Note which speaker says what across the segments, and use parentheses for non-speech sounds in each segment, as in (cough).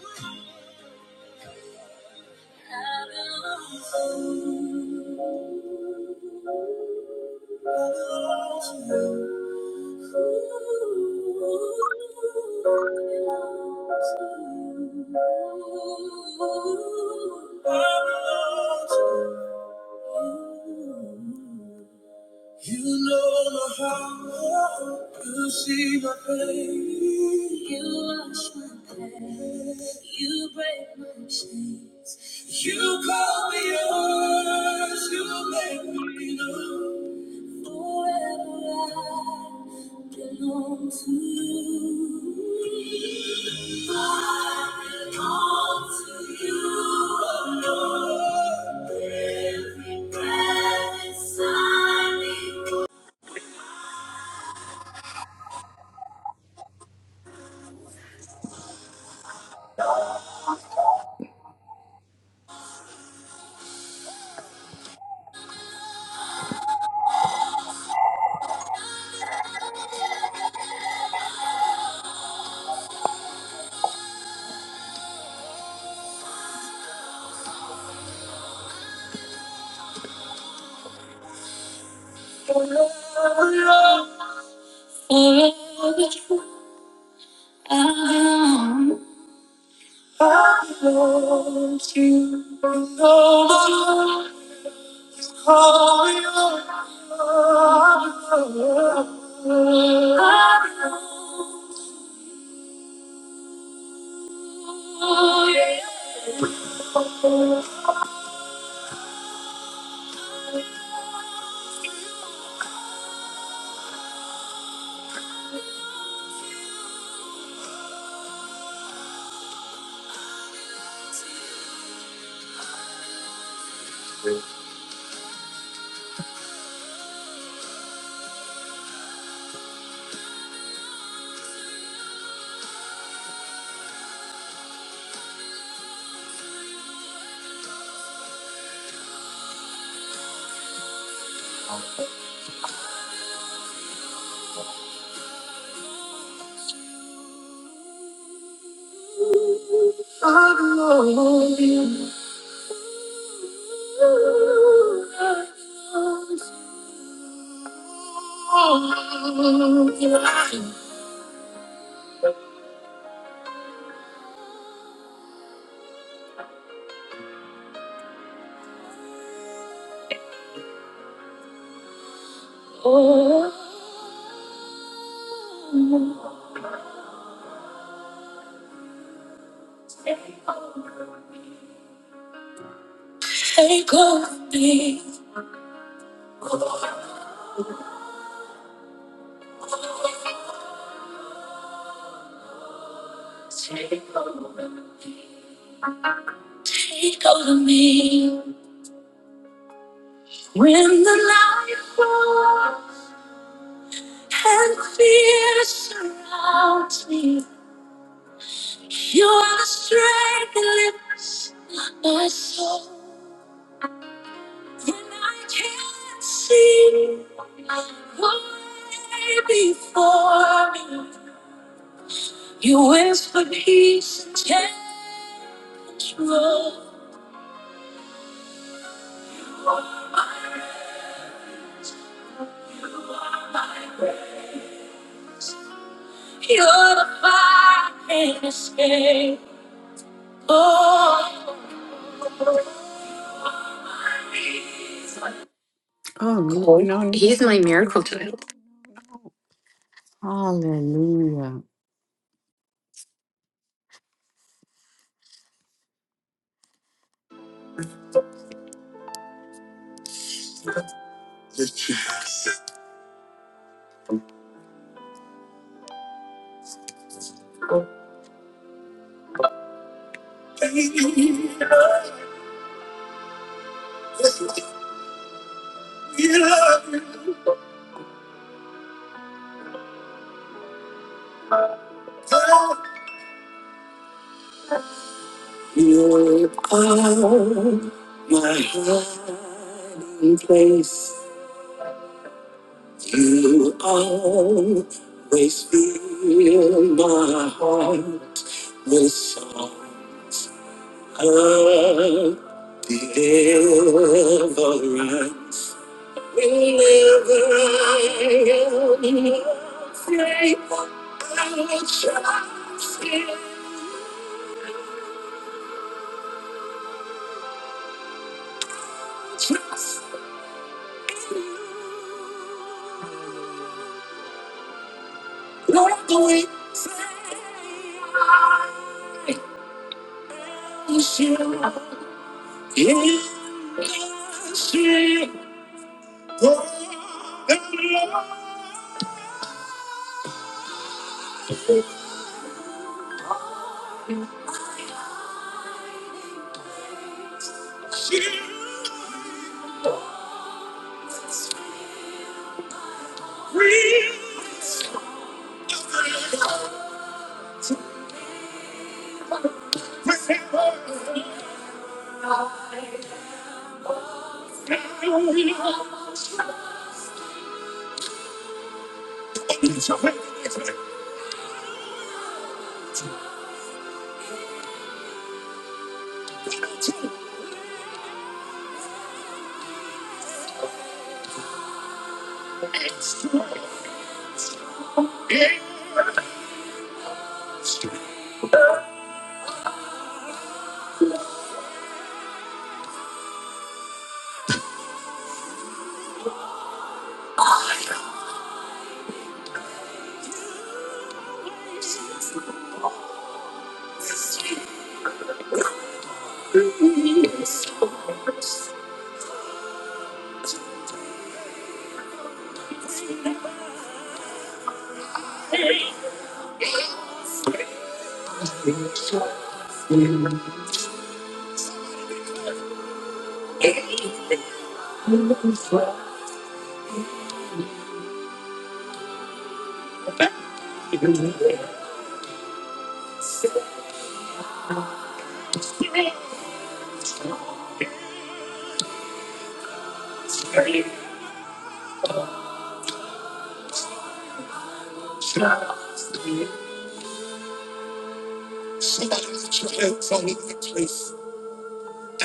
Speaker 1: I belong to you. You know my heart, you see my pain. You wash my past, you break my chains. You call me yours, you make me know. Forever I belong to you. I belong to you alone. Every breath inside me. Oh, hey, go be. Take over, take over me. When the light falls and fear surrounds me, you are the strength that lifts my soul. When I can't see what lay before me, you whisper peace and take control. You're the fire I can't escape. Oh. my peace. Oh, no, Cool. no. no. He's Hallelujah. you are my hiding place. You always fill my heart with song of deliverance. Whenever I am afraid, I will trust in you. Trust in you. Lord, we say I trust you in the shape of the Lord. you will. Remember, Yahweh, each of us is a temple. Yes, Yahweh, each of us is a temple. Yahweh, each of us is a temple. Yahweh, each of us is a temple.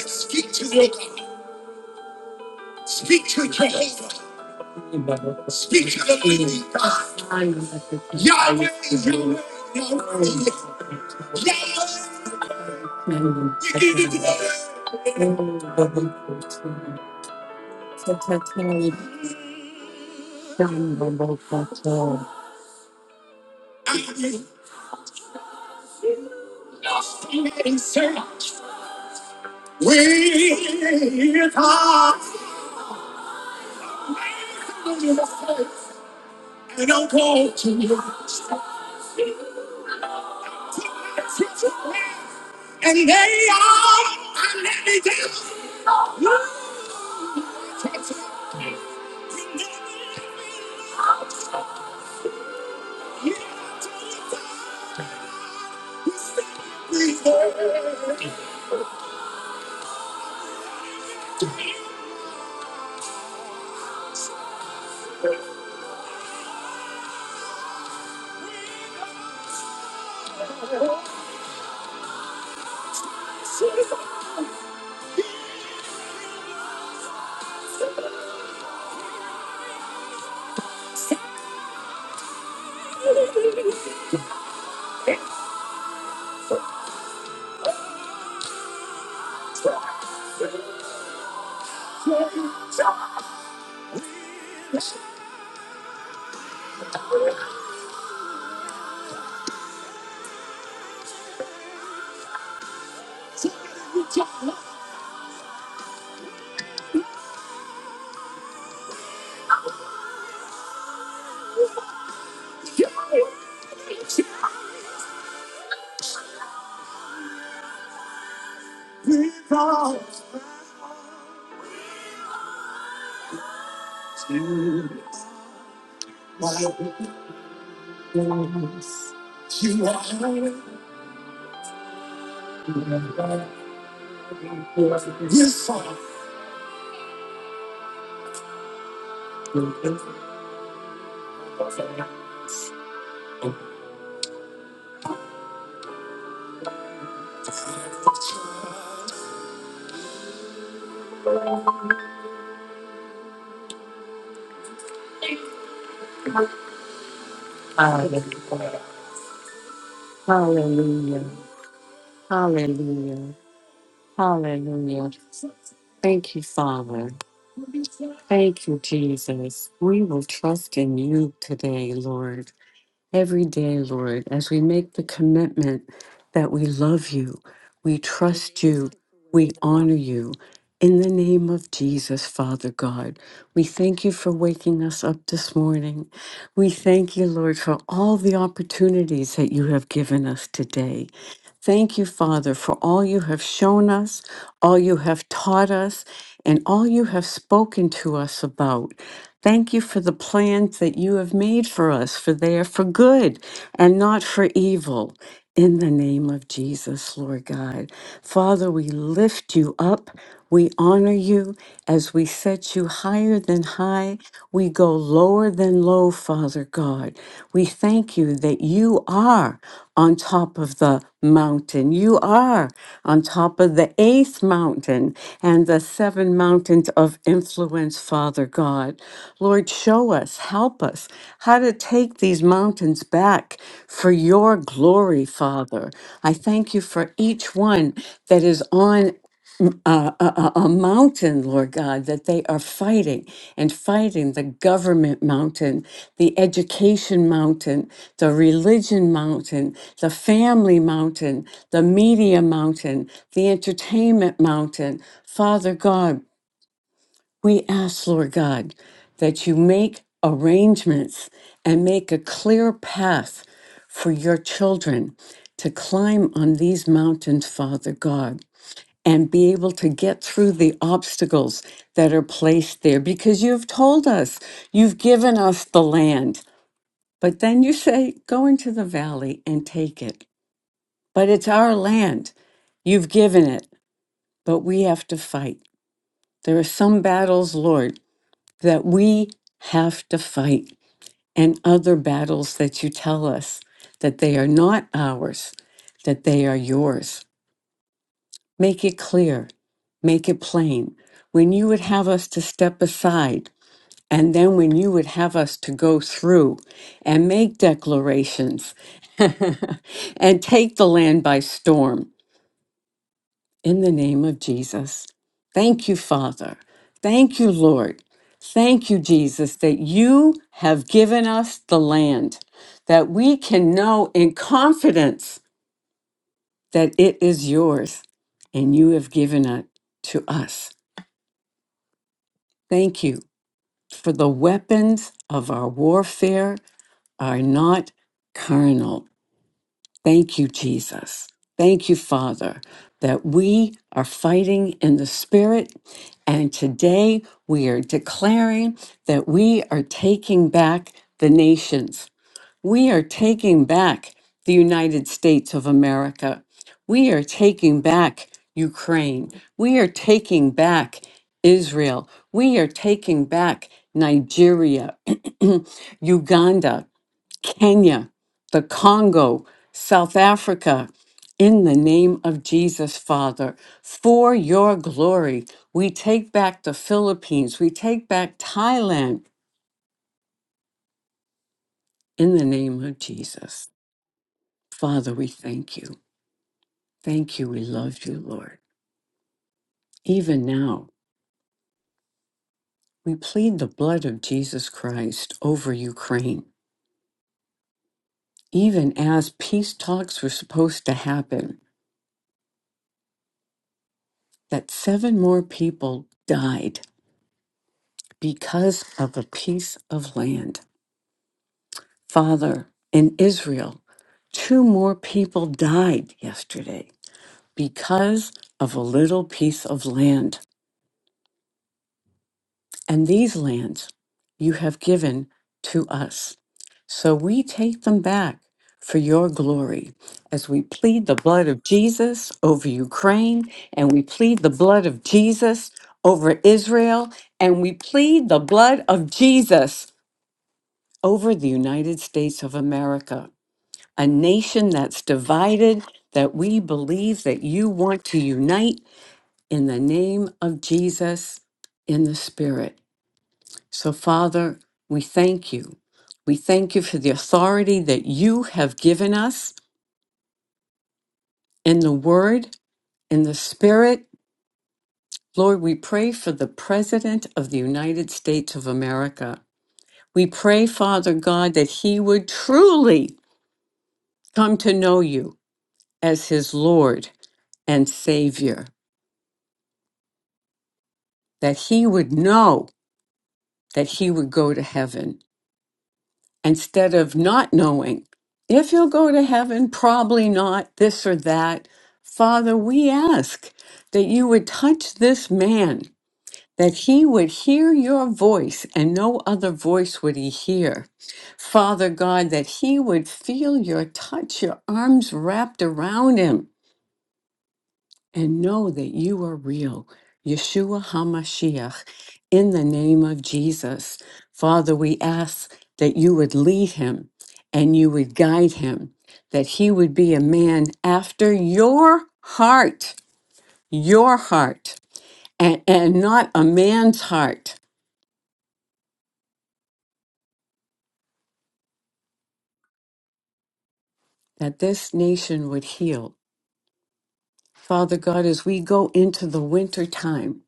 Speaker 1: Speak to your God, speak to Jehovah, speak to the living God, Yahweh, Yahweh, Yahweh. Yahweh. We are lost in space. We are lost in space. And I want to stay. And they all are letting down. We are lost in space. We are lost in space. You are holy. Yes, Father. Hallelujah. Hallelujah. Hallelujah. Hallelujah. Thank you, Father. Thank you, Jesus. We will trust in you today, Lord. every day, Lord, as we make the commitment that we love you, we trust you, we honor you. In the name of Jesus, Father God, we thank you for waking us up this morning. We thank you, Lord, for all the opportunities that you have given us today. Thank you, Father, for all you have shown us, all you have taught us, and all you have spoken to us about. Thank you for the plans that you have made for us, for they are for good and not for evil. In the name of Jesus, Lord God. Father, we lift you up. We honor you as we set you higher than high. We go lower than low, Father God. We thank you that you are are on top of the mountain. You are on top of the eighth mountain and the seven mountains of influence, Father God. Lord, show us, help us how to take these mountains back for your glory, Father. I thank you for each one that is on uh, a, a a mountain, Lord God, that they are fighting and fighting the government mountain, the education mountain, the religion mountain, the family mountain, the media mountain, the entertainment mountain. Father God, we ask, Lord God, that you make arrangements and make a clear path for your children to climb on these mountains, Father God and be able to get through the obstacles that are placed there because you've told us, you've given us the land. But then you say, go into the valley and take it. But it's our land. You've given it, but we have to fight. There are some battles, Lord, that we have to fight, and other battles that you tell us that they are not ours, that they are yours. Make it clear, make it plain. When you would have us to step aside, and then when you would have us to go through and make declarations (laughs) and take the land by storm in the name of Jesus. Thank you, Father. Thank you, Lord. Thank you, Jesus, that you have given us the land, that we can know in confidence that it is yours and you have given it to us. Thank you. For the weapons of our warfare are not carnal. Thank you, Jesus. Thank you, Father, that we are fighting in the Spirit. And today we are declaring that we are taking back the nations. We are taking back the United States of America. We are taking back Ukraine. We are taking back Israel. We are taking back Nigeria, (clears throat) Uganda, Kenya, the Congo, South Africa. In the name of Jesus, Father, for your glory, we take back the Philippines. We take back Thailand in the name of Jesus. Father, we thank you. Thank you. We love you, Lord. Even now, we plead the blood of Jesus Christ over Ukraine. Even as peace talks were supposed to happen, that seven more people died because of a piece of land. Father, in Israel, two more people died yesterday because of a little piece of land. And these lands you have given to us. So we take them back for your glory as we plead the blood of Jesus over Ukraine and we plead the blood of Jesus over Israel and we plead the blood of Jesus over the United States of America, a nation that's divided, that we believe that you want to unite in the name of Jesus in the Spirit. So, Father, we thank you. We thank you for the authority that you have given us in the Word, in the Spirit. Lord, we pray for the President of the United States of America. We pray, Father God, that he would truly come to know you as his Lord and Savior, that he would know that he would go to heaven instead of not knowing if you'll go to heaven, probably not, this or that. Father, we ask that you would touch this man, that he would hear your voice and no other voice would he hear. Father God, that he would feel your touch, your arms wrapped around him and know that you are real. Yeshua HaMashiach, in the name of Jesus. Father, we ask that you would lead him and you would guide him, that he would be a man after your heart, your heart, and, and not a man's heart, that this nation would heal. Father God, as we go into the winter time,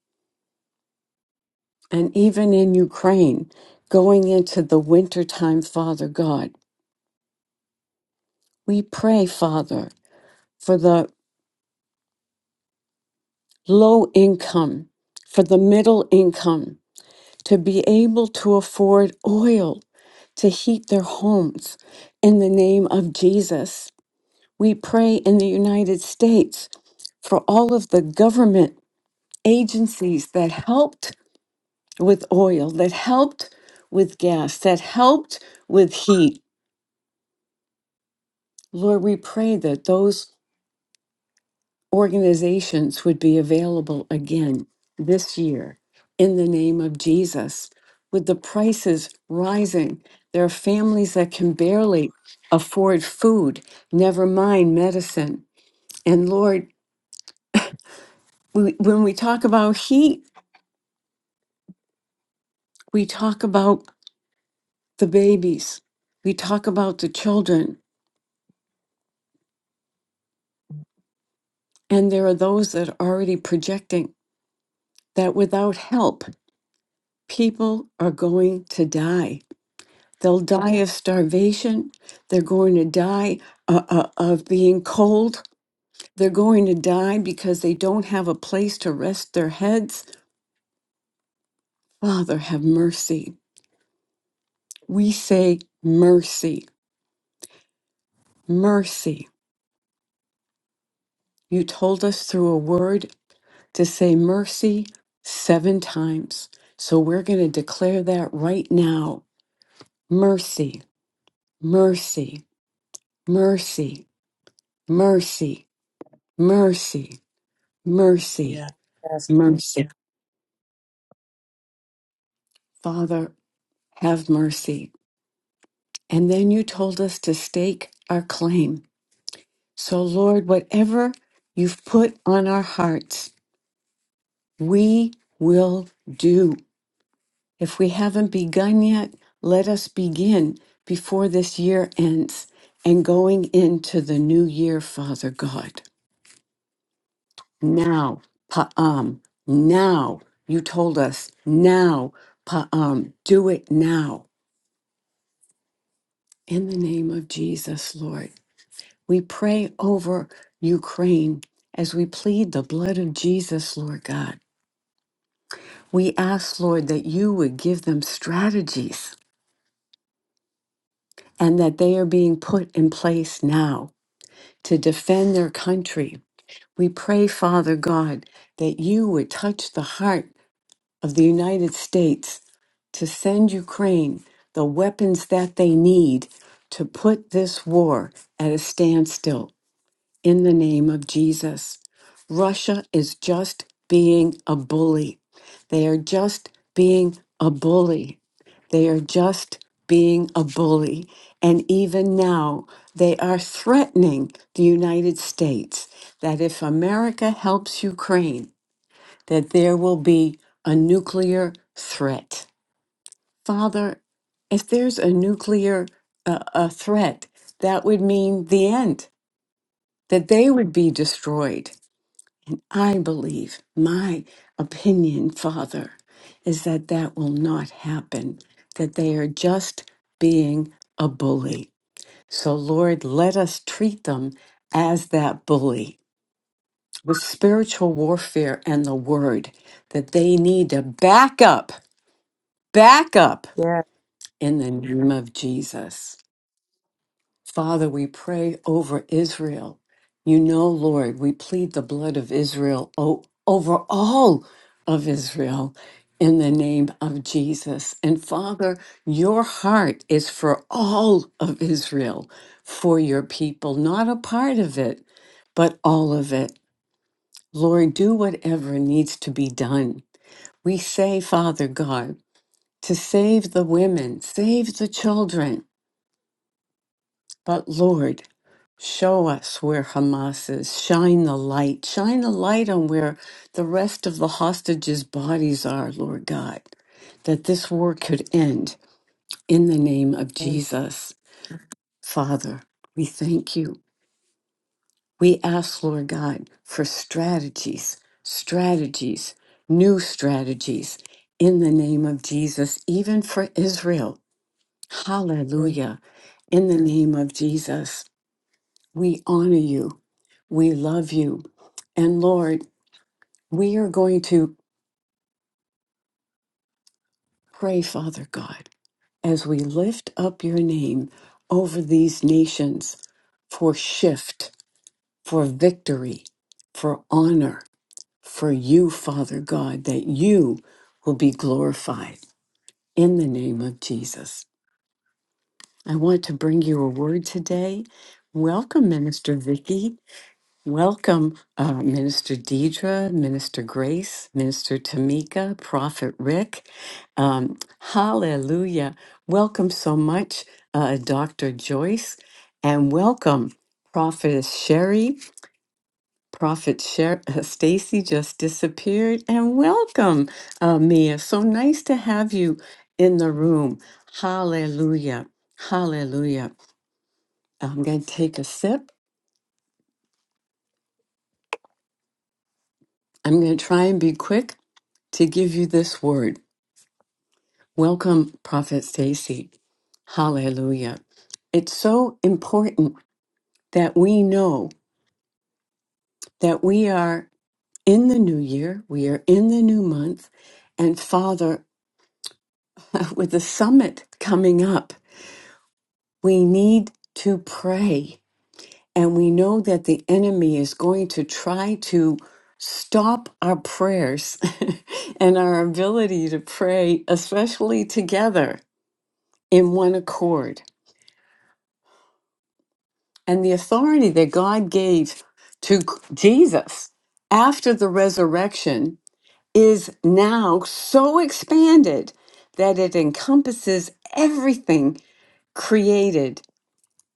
Speaker 1: and even in Ukraine, going into the winter time, Father God, We pray, Father, for the low income, for the middle income to be able to afford oil to heat their homes in the name of Jesus. We pray in the United States for all of the government agencies that helped with oil, that helped with gas, that helped with heat. Lord, we pray that those organizations would be available again this year in the name of Jesus. With the prices rising, there are families that can barely afford food, never mind medicine. And Lord, we, when we talk about heat, we talk about the babies, we talk about the children, and there are those that are already projecting that without help, people are going to die They'll die of starvation. They're going to die uh, uh, of being cold. They're going to die because they don't have a place to rest their heads. Father, have mercy. We say mercy, mercy. You told us through a word to say mercy seven times. So we're going to declare that right now. Mercy, mercy, mercy, mercy, mercy, mercy,
Speaker 2: Yeah. Yes.
Speaker 1: mercy. Father, have mercy. And then you told us to stake our claim. So, Lord, whatever you've put on our hearts, we will do. If we haven't begun yet, let us begin before this year ends and going into the new year, Father God. Now, Pa'am, now. You told us now, Pa'am, do it now. In the name of Jesus, Lord. We pray over Ukraine as we plead the blood of Jesus, Lord God. We ask, Lord, that you would give them strategies and that they are being put in place now to defend their country. We pray, Father God, that you would touch the heart of the United States to send Ukraine the weapons that they need to put this war at a standstill. in the name of Jesus. Russia is just being a bully. They are just being a bully. They are just being a bully. And even now, they are threatening the United States that if America helps Ukraine, that there will be a nuclear threat. Father, if there's a nuclear uh, a threat, that would mean the end, that they would be destroyed I believe, my opinion, Father, is that that will not happen, that they are just being a bully. So, Lord, let us treat them as that bully with spiritual warfare and the word, that they need to back up, back up
Speaker 2: Yeah.
Speaker 1: in the name of Jesus. Father, we pray over Israel. You know, Lord, we plead the blood of Israel o- over all of Israel in the name of Jesus. And Father, your heart is for all of Israel, for your people, not a part of it, but all of it. Lord, do whatever needs to be done. We say, Father God, to save the women, save the children, But Lord, show us where Hamas is. Shine the light. Shine a light on where the rest of the hostages' bodies are, Lord God, that this war could end in the name of
Speaker 2: Amen.
Speaker 1: Jesus. Father, we thank you. We ask, Lord God, for strategies, strategies, new strategies in the name of Jesus, even for Israel.
Speaker 2: Thank
Speaker 1: Hallelujah. In the name of Jesus. We honor you. We love you. And Lord, we are going to pray, Father God, as we lift up your name over these nations for shift, for victory, for honor, for you, Father God, that you will be glorified in the name of Jesus. I want to bring you a word today. Welcome, Minister Vicky. Welcome, uh, Minister Deidre, Minister Grace, Minister Tamika, Prophet Rick. Um, hallelujah. Welcome so much, uh, Dr. Joyce, and welcome, Prophetess Sherry. Prophet Sher- (laughs) Stacy just disappeared, and welcome, uh, Mia. So nice to have you in the room. Hallelujah. Hallelujah. I'm going to take a sip. I'm going to try and be quick to give you this word. Welcome, Prophet Stacy. Hallelujah. It's so important that we know that we are in the new year, we are in the new month, and Father, (laughs) with the summit coming up, we need to pray. And we know that the enemy is going to try to stop our prayers (laughs) and our ability to pray, especially together in one accord. and the authority that God gave to Jesus after the resurrection is now so expanded that it encompasses everything created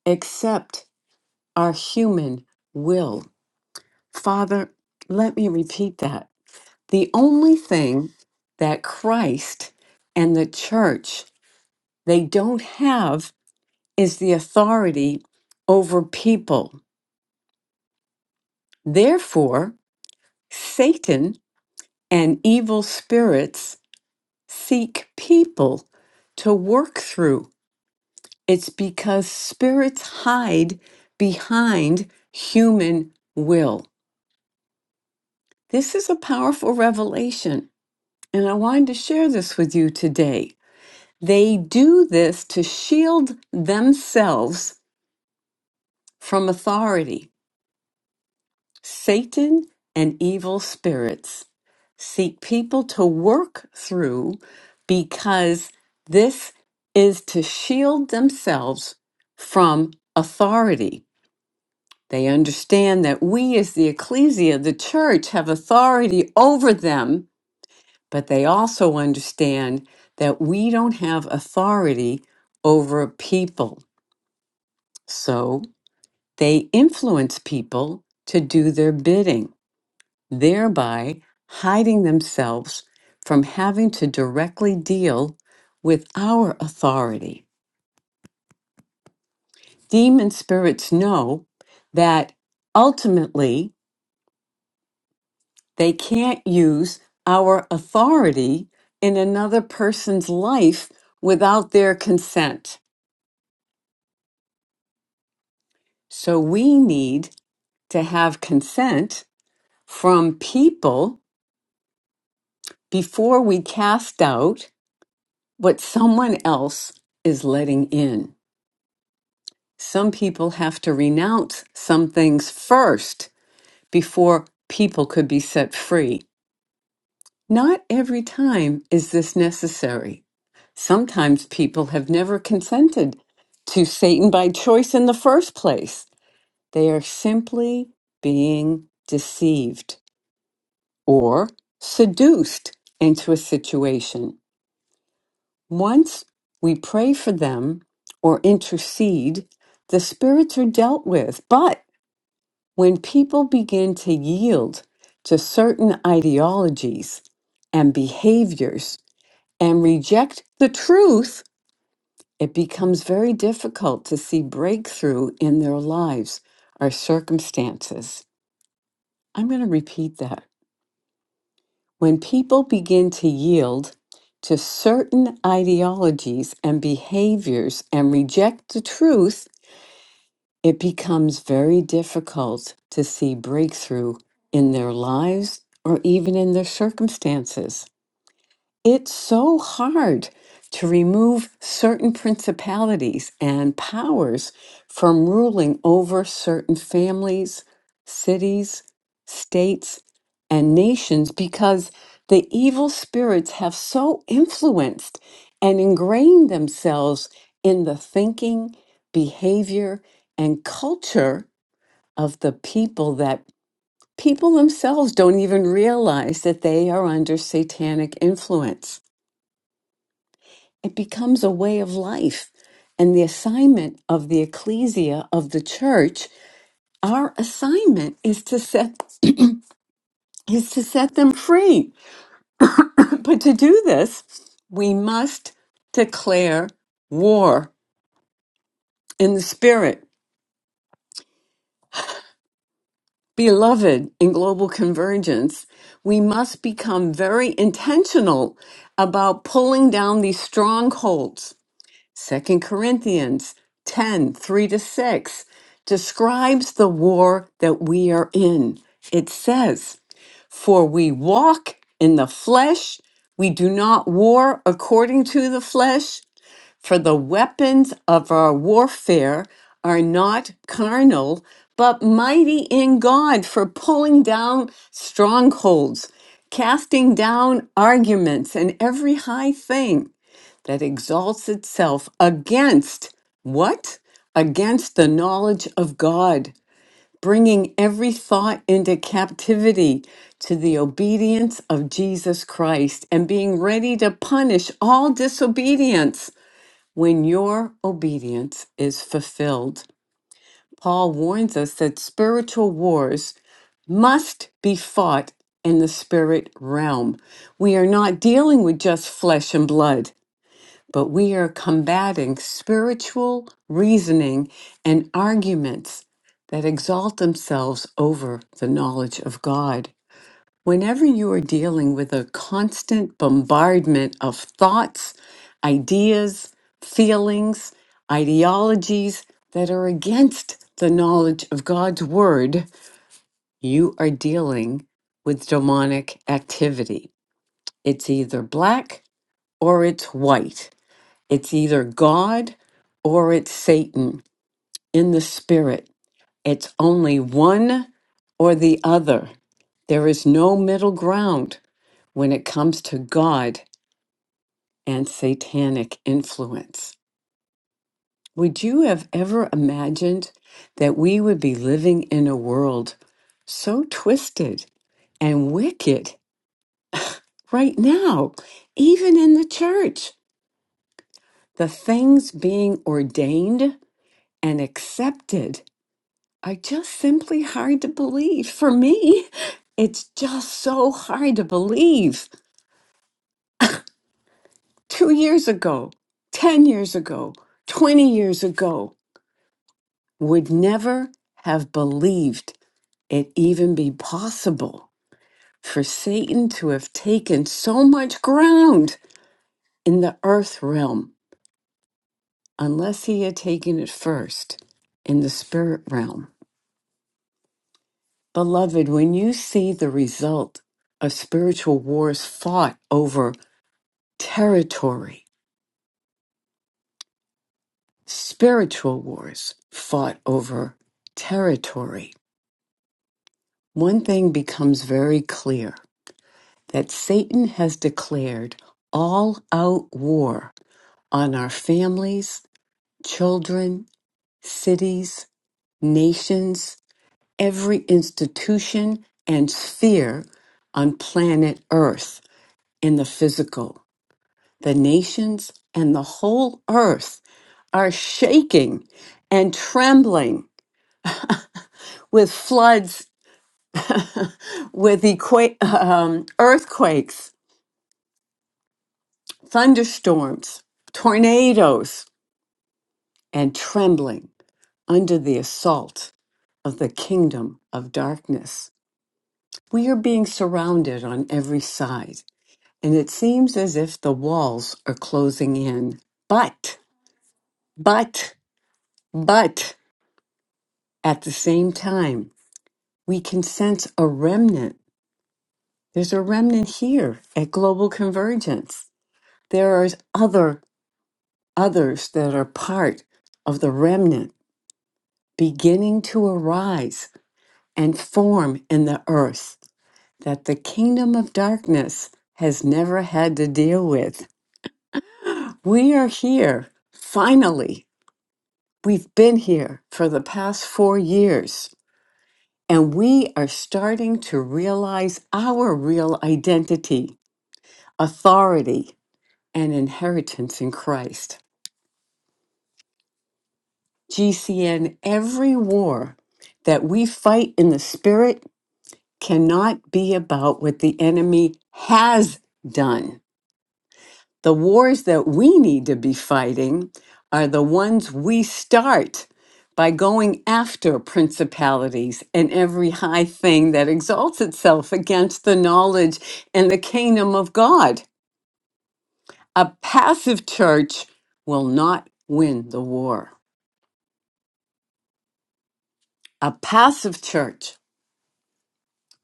Speaker 1: except our human will. Father, let me repeat that. The only thing that Christ and the church they don't have is the authority over people. Therefore, Satan and evil spirits seek people to work through. It's because spirits hide behind human will. This is a powerful revelation, and I wanted to share this with you today. They do this to shield themselves from authority, Satan, and evil spirits. seek people to work through because this is to shield themselves from authority. They understand that we, as the ecclesia, the church, have authority over them, but they also understand that we don't have authority over people. So they influence people to do their bidding. thereby hiding themselves from having to directly deal with our authority. Demon spirits know that ultimately they can't use our authority in another person's life without their consent. So we need to have consent from people before we cast out what someone else is letting in. some people have to renounce some things first before people could be set free. Not every time is this necessary. Sometimes people have never consented to Satan by choice in the first place. They are simply being deceived or seduced into a situation. Once we pray for them or intercede, the spirits are dealt with, but When people begin to yield to certain ideologies and behaviors and reject the truth, it becomes very difficult to see breakthrough in their lives or circumstances. I'm going to repeat that. When people begin to yield to certain ideologies and behaviors and reject the truth, it becomes very difficult to see breakthrough in their lives or even in their circumstances it's so hard to remove certain principalities and powers from ruling over certain families, cities, states, and nations because the evil spirits have so influenced and ingrained themselves in the thinking, behavior, and culture of the people that people themselves don't even realize that they are under satanic influence it becomes a way of life. And the assignment of the ecclesia of the church, our assignment is to set (clears throat) is to set them free. (coughs) but to do this, we must declare war in the spirit. Beloved in global convergence, we must become very intentional about pulling down these strongholds Second Corinthians 10 3 to 6 describes the war that we are in. It says, For we walk in the flesh, we do not war according to the flesh, for the weapons of our warfare are not carnal, but mighty in God for pulling down strongholds, casting down arguments and every high thing that exalts itself against what? Against the knowledge of God, bringing every thought into captivity to the obedience of Jesus Christ and being ready to punish all disobedience when your obedience is fulfilled. Paul warns us that spiritual wars must be fought in the spirit realm. We are not dealing with just flesh and blood but we are combating spiritual reasoning and arguments that exalt themselves over the knowledge of God. Whenever you are dealing with a constant bombardment of thoughts, ideas, feelings, ideologies that are against the knowledge of God's word, you are dealing with demonic activity. It's either black or it's white. It's either God or it's Satan in the spirit. It's only one or the other. There is no middle ground when it comes to God and satanic influence. Would you have ever imagined that we would be living in a world so twisted and wicked right now, even in the church? The things being ordained and accepted are just simply hard to believe. For me, it's just so hard to believe. Two years ago, 10 years ago, 20 years ago, would never have believed it even be possible for Satan to have taken so much ground in the earth realm unless he had taken it first in the spirit realm. Beloved, when you see the result of spiritual wars fought over territory. Spiritual wars fought over territory. One thing becomes very clear that Satan has declared all out war on our families, children, cities, nations, every institution and sphere on planet Earth in the physical. The nations and the whole earth are shaking and trembling with floods, (laughs) with equa- um, earthquakes, thunderstorms, tornadoes, and trembling under the assault of the kingdom of darkness. We are being surrounded on every side, and it seems as if the walls are closing in. But, but, but at the same time, we can sense a remnant. There's a remnant here at Global Convergence there are other others that are part of the remnant beginning to arise and form in the earth that the kingdom of darkness has never had to deal with. We are here, finally. We've been here for the past four years, and we are starting to realize our real identity, authority, and inheritance in Christ. GCN, every war that we fight in the spirit cannot be about what the enemy has done. The wars that we need to be fighting are the ones we start by going after principalities and every high thing that exalts itself against the knowledge and the kingdom of God. A passive church will not win the war. A passive church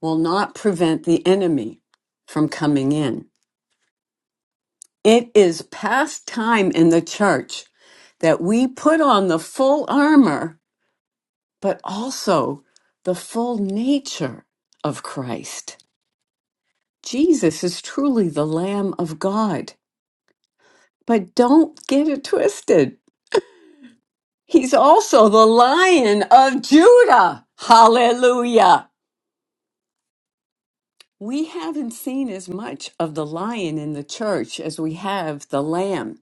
Speaker 1: will not prevent the enemy from coming in. It is past time in the church that we put on the full armor, but also the full nature of Christ. Jesus is truly the Lamb of God, but don't get it twisted. He's also the Lion of Judah. Hallelujah. We haven't seen as much of the lion in the church as we have the lamb.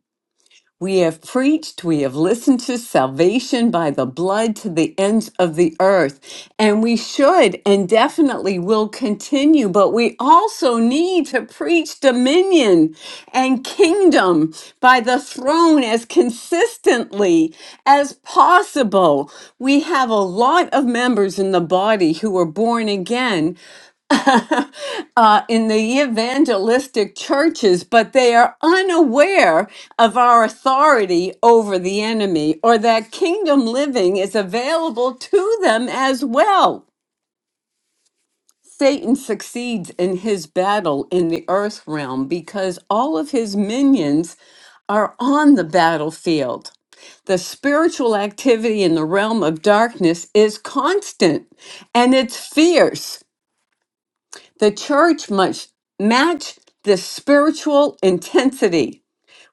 Speaker 1: We have preached, we have listened to salvation by the blood to the ends of the earth. And we should and definitely will continue, but we also need to preach dominion and kingdom by the throne as consistently as possible. We have a lot of members in the body who are born again, (laughs) uh, in the evangelistic churches, but they are unaware of our authority over the enemy or that kingdom living is available to them as well. Satan succeeds in his battle in the earth realm because all of his minions are on the battlefield. The spiritual activity in the realm of darkness is constant and it's fierce. The church must match the spiritual intensity.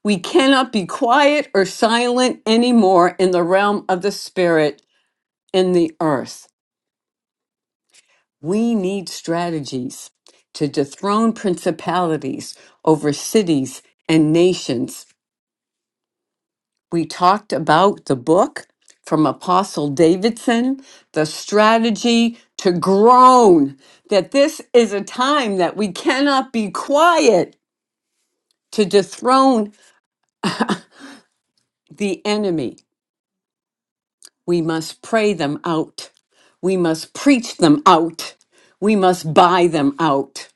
Speaker 1: We cannot be quiet or silent anymore in the realm of the spirit in the earth. We need strategies to dethrone principalities over cities and nations. We talked about the book from Apostle Davidson, the strategy to groan, that this is a time that we cannot be quiet to dethrone the enemy. We must pray them out. We must preach them out. We must buy them out.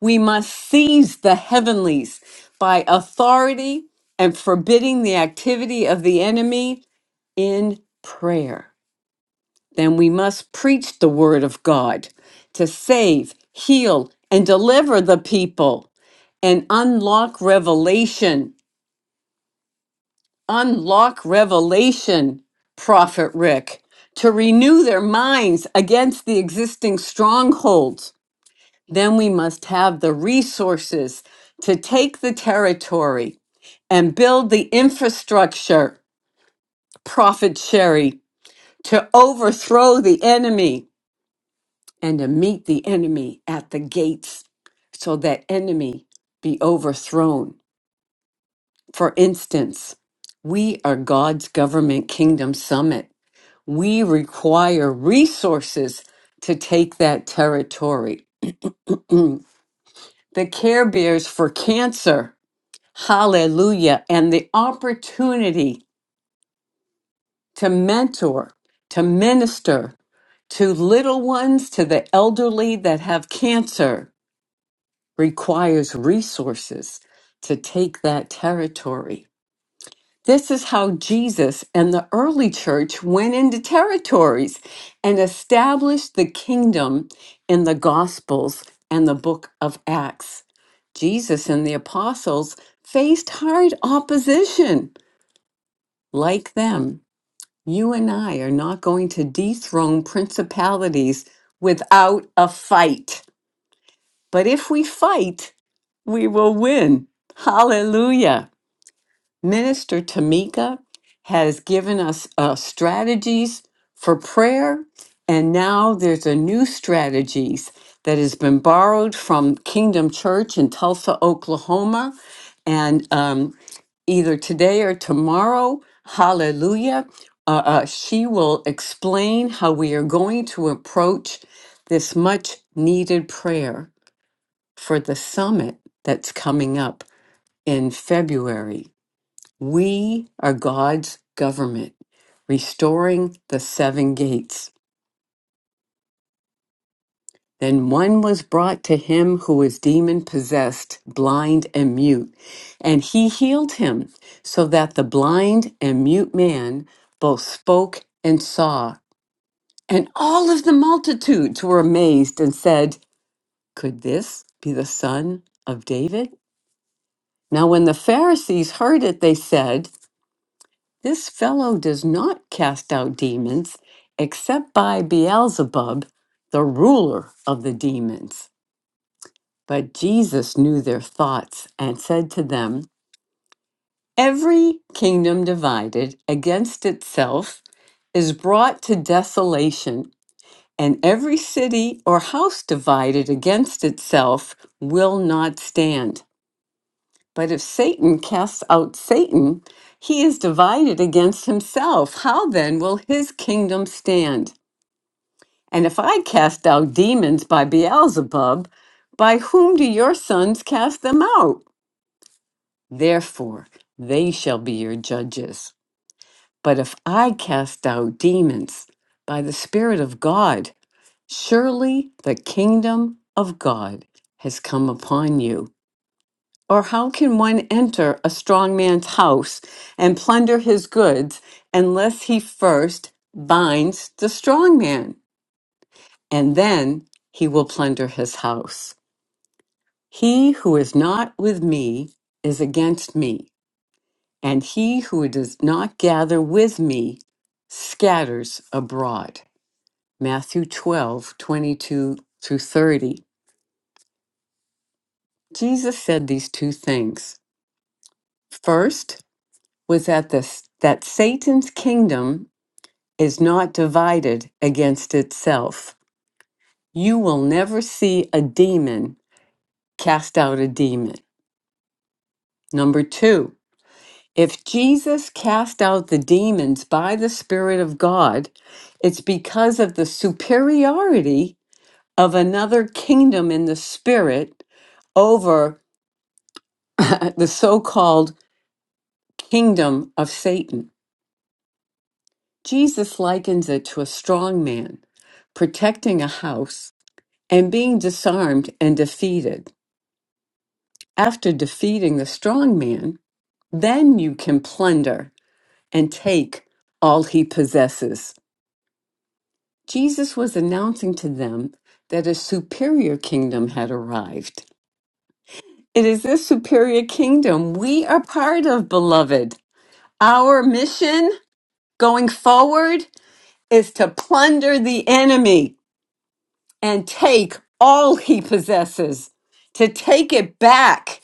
Speaker 1: We must seize the heavenlies by authority and forbidding the activity of the enemy in prayer. Then we must preach the word of God to save, heal, and deliver the people and unlock revelation unlock revelation, Prophet Rick, to renew their minds against the existing strongholds. Then we must have the resources to take the territory and build the infrastructure, Prophet Sherry, to overthrow the enemy and to meet the enemy at the gates so that enemy be overthrown. For instance, we are God's Government Kingdom Summit. We require resources to take that territory. Mm. The Care Bears for Cancer, hallelujah, and the opportunity to mentor, to minister to little ones, to the elderly that have cancer requires resources to take that territory. This is how Jesus and the early church went into territories and established the kingdom in the Gospels and the book of Acts. Jesus and the apostles faced hard opposition. Like them, you and I are not going to dethrone principalities without a fight. But if we fight, we will win. Hallelujah. Minister Tamika has given us uh, strategies for prayer, and now there's a new strategies that has been borrowed from Kingdom Church in Tulsa, Oklahoma, and um, either today or tomorrow, Hallelujah, uh, uh, she will explain how we are going to approach this much-needed prayer for the summit that's coming up in February. We are God's government, restoring the seven gates. Then one was brought to him who was demon possessed, blind and mute, and he healed him, so that the blind and mute man both spoke and saw. And all of the multitudes were amazed and said, Could this be the son of David? Now, when the Pharisees heard it, they said, This fellow does not cast out demons except by Beelzebub, the ruler of the demons. But Jesus knew their thoughts and said to them, Every kingdom divided against itself is brought to desolation, and every city or house divided against itself will not stand. But if Satan casts out Satan, he is divided against himself. How then will his kingdom stand? And if I cast out demons by Beelzebub, by whom do your sons cast them out? Therefore, they shall be your judges. But if I cast out demons by the Spirit of God, surely the kingdom of God has come upon you. Or how can one enter a strong man's house and plunder his goods unless he first binds the strong man? And then he will plunder his house. He who is not with me is against me, and he who does not gather with me scatters abroad. Matthew 12 22 through 30. Jesus said these two things. First was that, the, that Satan's kingdom is not divided against itself. You will never see a demon cast out a demon. Number two, if Jesus cast out the demons by the Spirit of God, it's because of the superiority of another kingdom in the Spirit over (laughs) the so called kingdom of Satan. Jesus likens it to a strong man protecting a house and being disarmed and defeated. After defeating the strong man, then you can plunder and take all he possesses. Jesus was announcing to them that a superior kingdom had arrived. It is this superior kingdom we are part of, beloved. Our mission going forward is to plunder the enemy and take all he possesses, to take it back.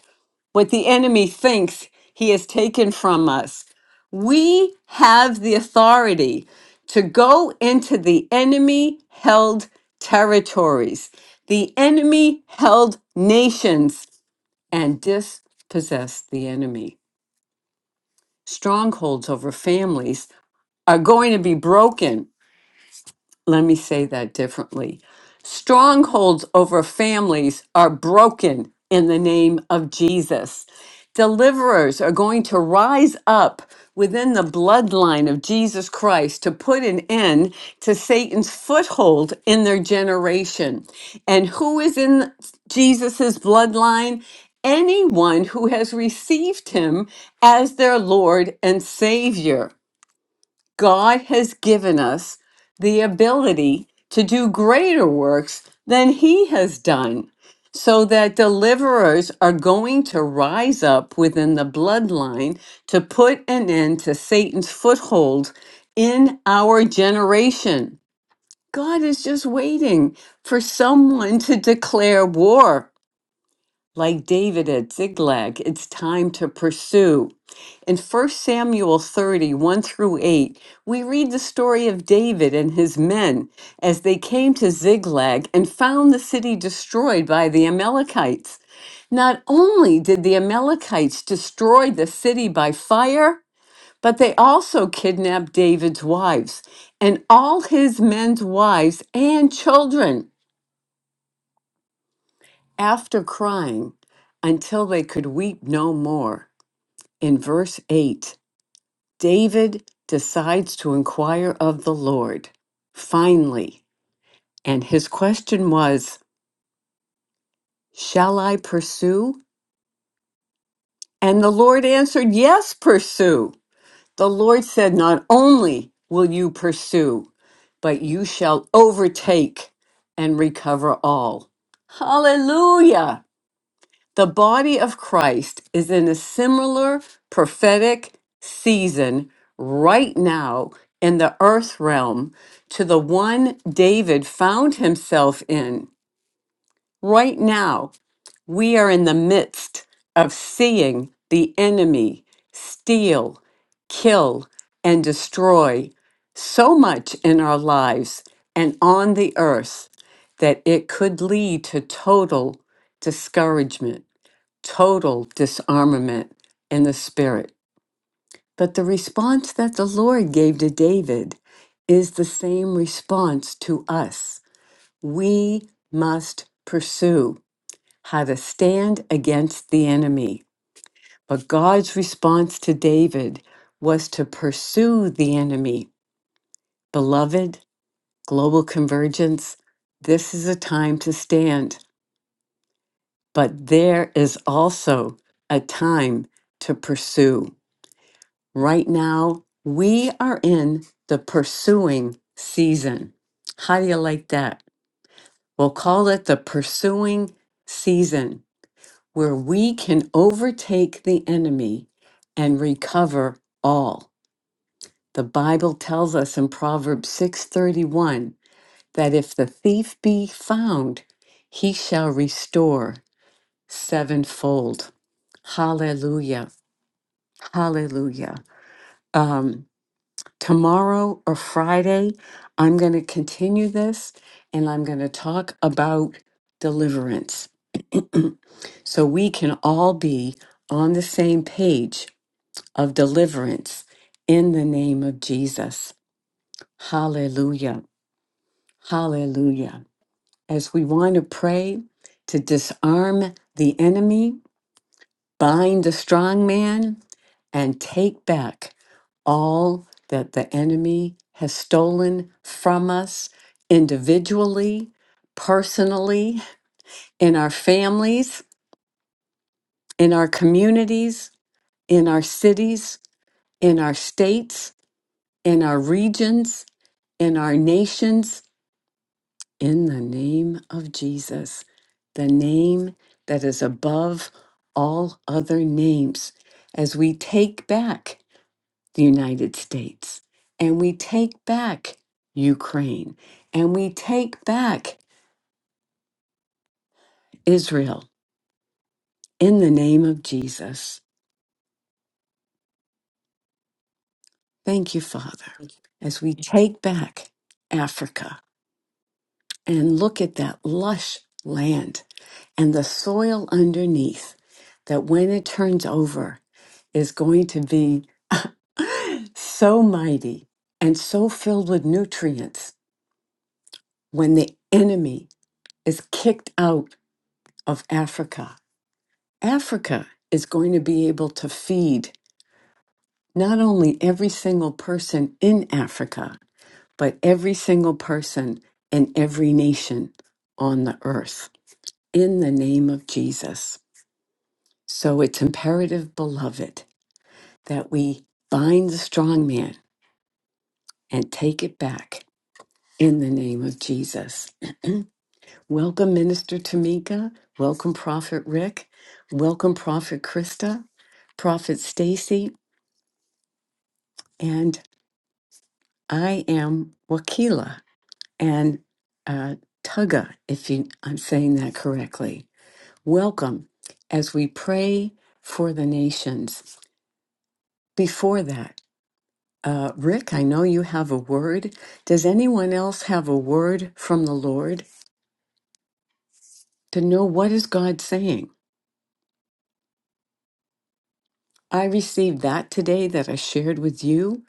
Speaker 1: what the enemy thinks he has taken from us. We have the authority to go into the enemy held territories, the enemy held nations, and dispossess the enemy. Strongholds over families are going to be broken let me say that differently. Strongholds over families are broken in the name of Jesus. Deliverers are going to rise up within the bloodline of Jesus Christ to put an end to Satan's foothold in their generation. And who is in Jesus's bloodline? Anyone who has received him as their Lord and Savior. God has given us the ability to do greater works than he has done, so that deliverers are going to rise up within the bloodline to put an end to Satan's foothold in our generation. God is just waiting for someone to declare war. Like David at Ziklag, it's time to pursue. In First Samuel thirty one through 8, we read the story of David and his men as they came to Ziklag and found the city destroyed by the Amalekites. Not only did the Amalekites destroy the city by fire, but they also kidnapped David's wives and all his men's wives and children after crying until they could weep no more. In verse 8, David decides to inquire of the Lord. Finally, and his question was, Shall I pursue? And the Lord answered, Yes, pursue. The Lord said, Not only will you pursue, but you shall overtake and recover all. Hallelujah! The body of Christ is in a similar prophetic season right now in the earth realm to the one David found himself in. Right now, we are in the midst of seeing the enemy steal, kill, and destroy so much in our lives and on the earth that it could lead to total discouragement total disarmament in the spirit. But the response that the Lord gave to David is the same response to us. We must pursue how to stand against the enemy. But God's response to David was to pursue the enemy. Beloved, global convergence, this is a time to stand, but there is also a time to pursue. Right now, we are in the pursuing season. How do you like that? We'll call it the pursuing season, where we can overtake the enemy and recover all. The Bible tells us in Proverbs 6:31 that if the thief be found, he shall restore sevenfold. Hallelujah. Hallelujah. Um. tomorrow or Friday, I'm going to continue this and I'm going to talk about deliverance (clears throat) so we can all be on the same page of deliverance in the name of Jesus. Hallelujah. Hallelujah. As we want to pray to disarm the enemy, bind the strong man and take back all that the enemy has stolen from us individually, personally, in our families, in our communities, in our cities, in our states, in our regions, in our nations, in the name of Jesus, the name that is above all other names. As we take back the United States and we take back Ukraine and we take back Israel in the name of Jesus. Thank you, Father,
Speaker 2: you.
Speaker 1: as we take back Africa and look at that lush land and the soil underneath that when it turns over is going to be (laughs) so mighty and so filled with nutrients when the enemy is kicked out of Africa. Africa is going to be able to feed not only every single person in Africa, but every single person in every nation on the earth in the name of Jesus. So it's imperative, beloved, that we bind the strong man and take it back in the name of Jesus. Welcome, Minister Tamika. Welcome, Prophet Rick. Welcome, Prophet Krista, Prophet Stacy. and I am Wakila and uh, Tugga, if you, I'm saying that correctly. Welcome as we pray for the nations. Before that, uh, Rick, I know you have a word. Does anyone else have a word from the Lord to know what is God saying? I received that today that I shared with you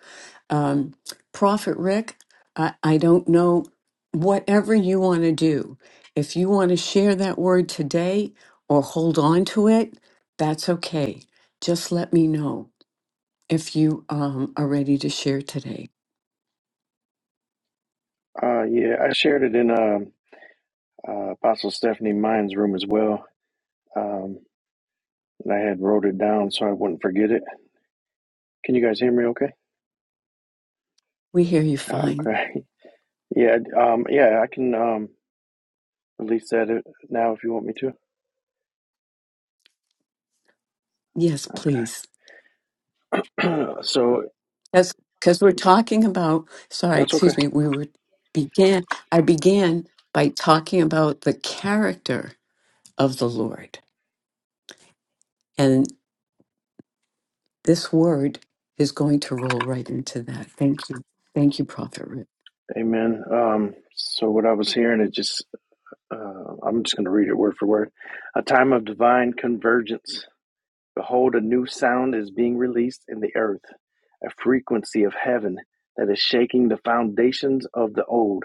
Speaker 1: um, Prophet Rick, I, I don't know, whatever you want to do, if you want to share that word today or hold on to it, that's okay. Just let me know if you um, are ready to share today.
Speaker 3: Uh, yeah, I shared it in um, uh, Apostle Stephanie Mine's room as well. Um, and I had wrote it down so I wouldn't forget it. Can you guys hear me okay?
Speaker 1: We hear you
Speaker 3: Ah,
Speaker 1: fine.
Speaker 3: okay. (laughs) Yeah, um, yeah, I can um, release that it- now if you want me to.
Speaker 1: Yes, please.
Speaker 3: Okay. (clears throat) so
Speaker 1: That's because we're talking about, sorry,
Speaker 3: that's okay.
Speaker 1: excuse me, we were began, I began by talking about the character of the Lord. This word is going to roll right into that. Thank you. Thank you, Prophet Rick.
Speaker 3: Amen. Um, so what I was hearing, it just, uh, I'm just going to read it word for word. A time of divine convergence. Behold, a new sound is being released in the earth, a frequency of heaven that is shaking the foundations of the old.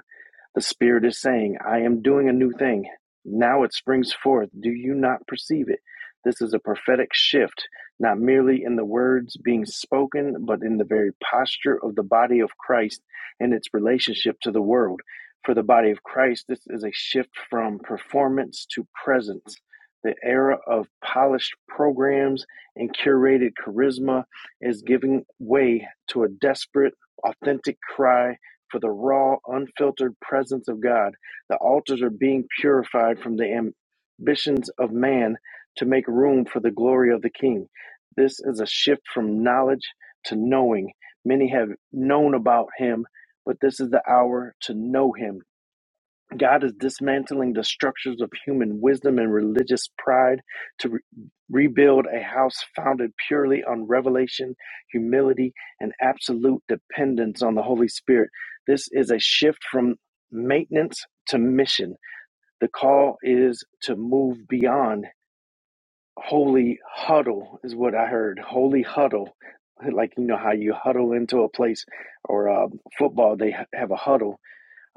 Speaker 3: The Spirit is saying, I am doing a new thing. Now it springs forth. Do you not perceive it? This is a prophetic shift, not merely in the words being spoken, but in the very posture of the body of Christ and its relationship to the world. For the body of Christ, this is a shift from performance to presence. The era of polished programs and curated charisma is giving way to a desperate, authentic cry for the raw, unfiltered presence of God. The altars are being purified from the ambitions of man to make room for the glory of the King. This is a shift from knowledge to knowing. Many have known about him, but this is the hour to know him God is dismantling the structures of human wisdom and religious pride to re- rebuild a house founded purely on revelation, humility, and absolute dependence on the Holy Spirit. This is a shift from maintenance to mission. The call is to move beyond holy huddle, is what I heard. Holy huddle. Like, you know, how you huddle into a place or uh, football, they ha- have a huddle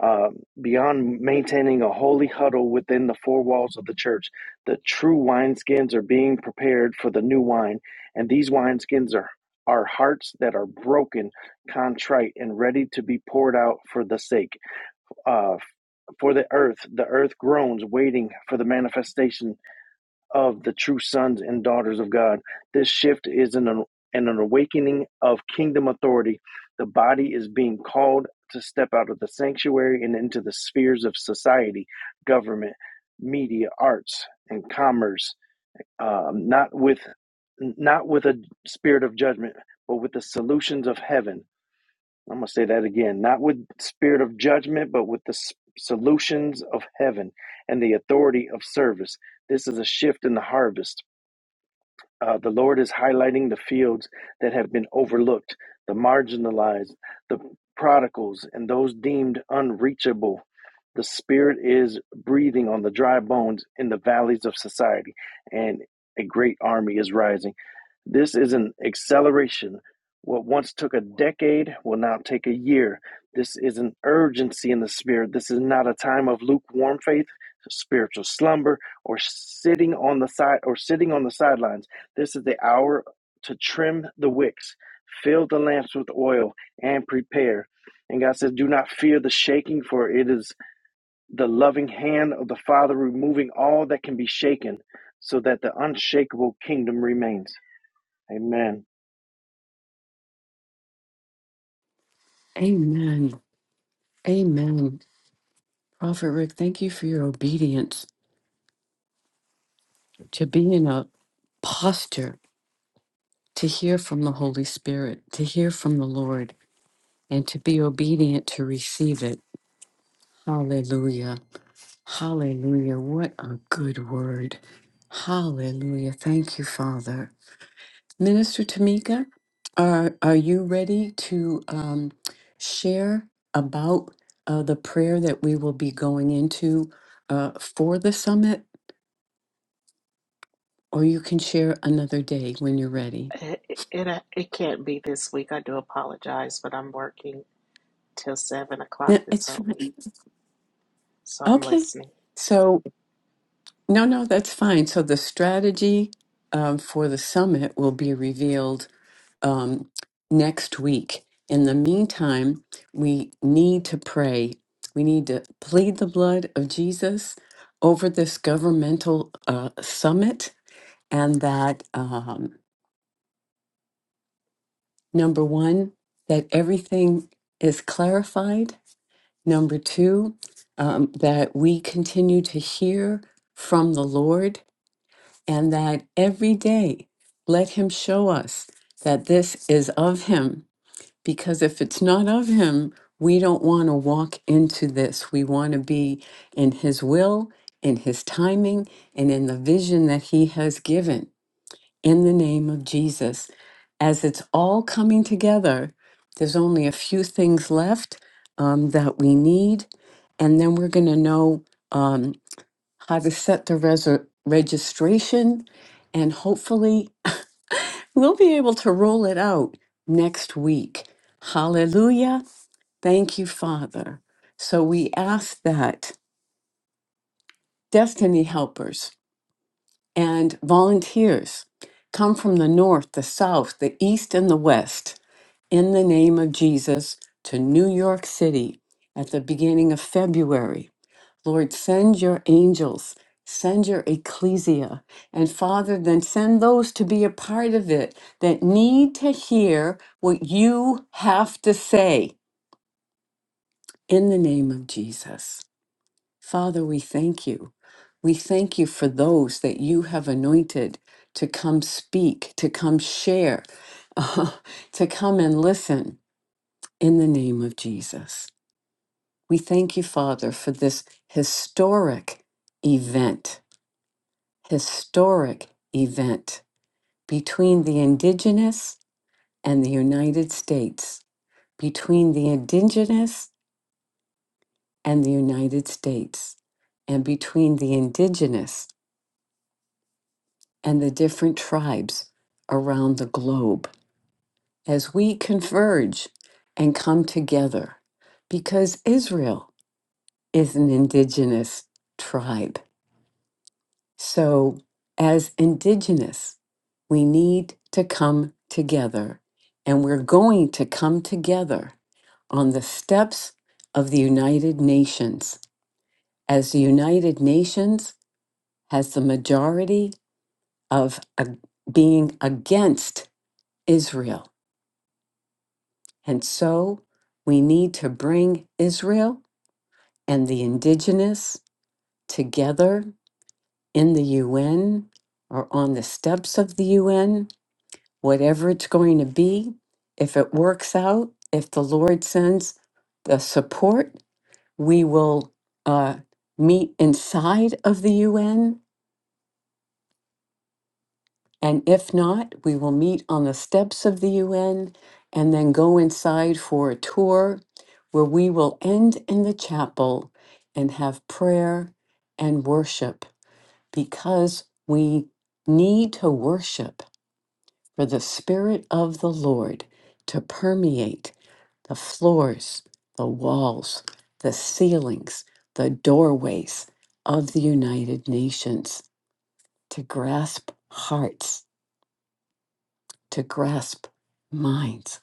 Speaker 3: um, beyond maintaining a holy huddle within the four walls of the church, the true wineskins are being prepared for the new wine, and these wineskins are our hearts that are broken, contrite, and ready to be poured out for the sake. Uh, for the earth, the earth groans, waiting for the manifestation of the true sons and daughters of God. This shift is an, an, an awakening of kingdom authority. The body is being called to step out of the sanctuary and into the spheres of society, government, media, arts, and commerce, um, not with not with a spirit of judgment, but with the solutions of heaven. I'm going to say that again, not with spirit of judgment, but with the s- solutions of heaven and the authority of service. This is a shift in the harvest uh, the Lord is highlighting the fields that have been overlooked, the marginalized, the prodigals, and those deemed unreachable. The Spirit is breathing on the dry bones in the valleys of society, and a great army is rising. This is an acceleration. What once took a decade will now take a year. This is an urgency in the spirit. This is not a time of lukewarm faith, spiritual slumber, or sitting on the side or sitting on the sidelines. This is the hour to trim the wicks, fill the lamps with oil, and prepare. And God says, Do not fear the shaking, for it is the loving hand of the Father removing all that can be shaken, so that the unshakable kingdom remains. Amen.
Speaker 1: Amen. Amen. Prophet Rick, thank you for your obedience to be in a posture to hear from the Holy Spirit, to hear from the Lord, and to be obedient to receive it. Hallelujah. Hallelujah. What a good word. Hallelujah. Thank you, Father. Minister Tamika, are are you ready to um, share about uh, the prayer that we will be going into uh, for the summit, or you can share another day when you're ready?
Speaker 4: It, it it can't be this week. I do apologize, but I'm working till seven o'clock
Speaker 1: Yeah,
Speaker 4: this
Speaker 1: It's
Speaker 4: whole week,
Speaker 1: fine.
Speaker 4: so I'm
Speaker 1: okay.
Speaker 4: listening.
Speaker 1: So no, no, that's fine. So the strategy um, for the summit will be revealed um, next week. In the meantime, we need to pray. We need to plead the blood of Jesus over this governmental uh, summit, and that um, number one, that everything is clarified. Number two, um, that we continue to hear from the Lord, and that every day let Him show us that this is of Him because if it's not of him, we don't want to walk into this. We want to be in his will, in his timing, and in the vision that he has given in the name of Jesus. As it's all coming together, there's only a few things left um, that we need, and then we're going to know um, how to set the reser- registration, and hopefully, we'll be able to roll it out next week. Hallelujah. Thank you, Father. So we ask that destiny helpers and volunteers come from the north, the south, the east, and the west in the name of Jesus to New York City at the beginning of February. Lord, send your angels, send your ecclesia. And Father, then send those to be a part of it that need to hear what you have to say in the name of Jesus. Father, we thank you. We thank you for those that you have anointed to come speak, to come share, (laughs) to come and listen in the name of Jesus. We thank you, Father, for this historic event, historic event between the indigenous and the United States, between the indigenous and the United States, and between the indigenous and the different tribes around the globe as we converge and come together because Israel is an indigenous tribe. So, as indigenous, we need to come together, and we're going to come together on the steps of the United Nations. As the United Nations has the majority of uh, being against Israel And so we need to bring Israel and the indigenous together in the UN or on the steps of the UN, whatever it's going to be. If it works out, if the Lord sends the support, we will uh, meet inside of the UN And if not, we will meet on the steps of the UN and then go inside for a tour where we will end in the chapel and have prayer and worship because we need to worship for the Spirit of the Lord to permeate the floors, the walls, the ceilings, the doorways of the United Nations to grasp hearts to grasp minds,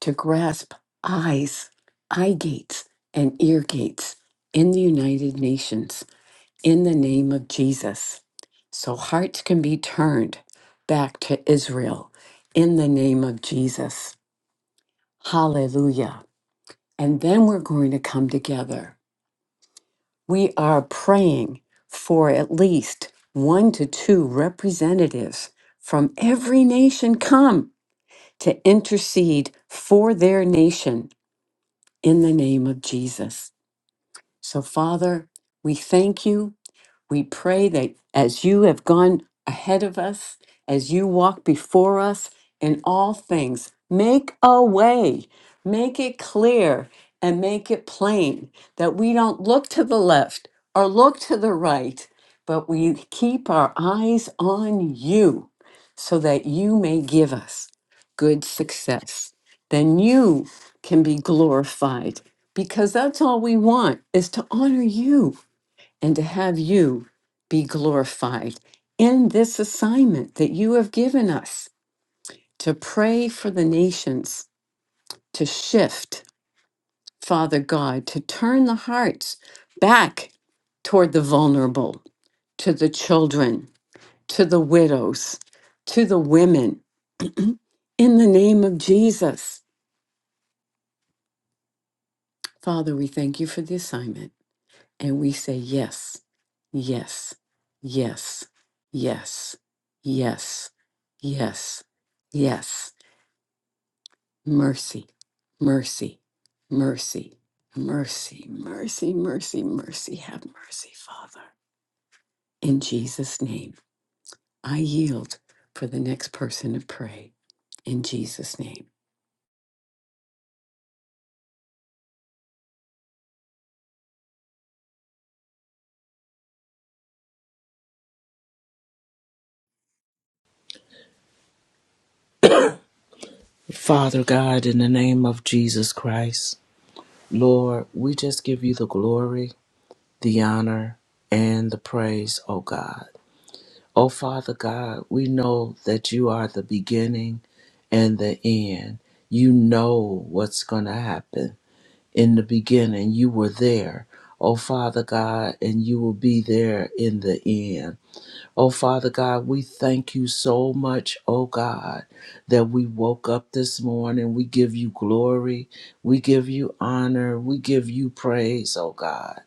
Speaker 1: to grasp eyes, eye gates, and ear gates in the United Nations in the name of Jesus. So hearts can be turned back to Israel in the name of Jesus. Hallelujah. And then we're going to come together. We are praying for at least one to two representatives from every nation come to intercede for their nation in the name of Jesus. So, Father, we thank you we pray that as you have gone ahead of us, as you walk before us in all things, make a way, make it clear, and make it plain that we don't look to the left or look to the right, but we keep our eyes on you so that you may give us good success. Then you can be glorified because that's all we want is to honor you and to have you be glorified in this assignment that you have given us to pray for the nations, to shift, Father God, to turn the hearts back toward the vulnerable, to the children, to the widows, to the women, in the name of Jesus. Father, we thank you for the assignment. and we say yes, yes, yes, yes, yes, yes, yes. Mercy, mercy, mercy, mercy, mercy, mercy, mercy. Have mercy, Father. In Jesus' name, I yield for the next person to pray. In Jesus' name.
Speaker 5: Father God, in the name of Jesus Christ, Lord, we just give you the glory, the honor, and the praise, O God. O Father God, we know that you are the beginning and the end. You know what's going to happen. In the beginning, you were there, O Father God, and you will be there in the end. Oh, Father God, we thank you so much, oh God, that we woke up this morning. We give you glory. We give you honor. We give you praise, oh God.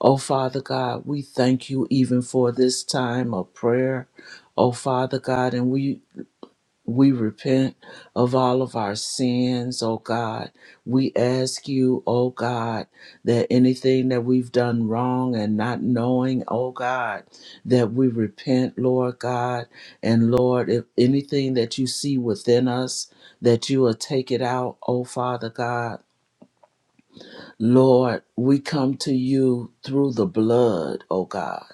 Speaker 5: Oh, Father God, we thank you even for this time of prayer. Oh, Father God, and we we repent of all of our sins, oh God. We ask you, oh God, that anything that we've done wrong and not knowing, oh God, that we repent, Lord God. And Lord, if anything that you see within us, that you will take it out, oh Father God. Lord, we come to you through the blood, oh God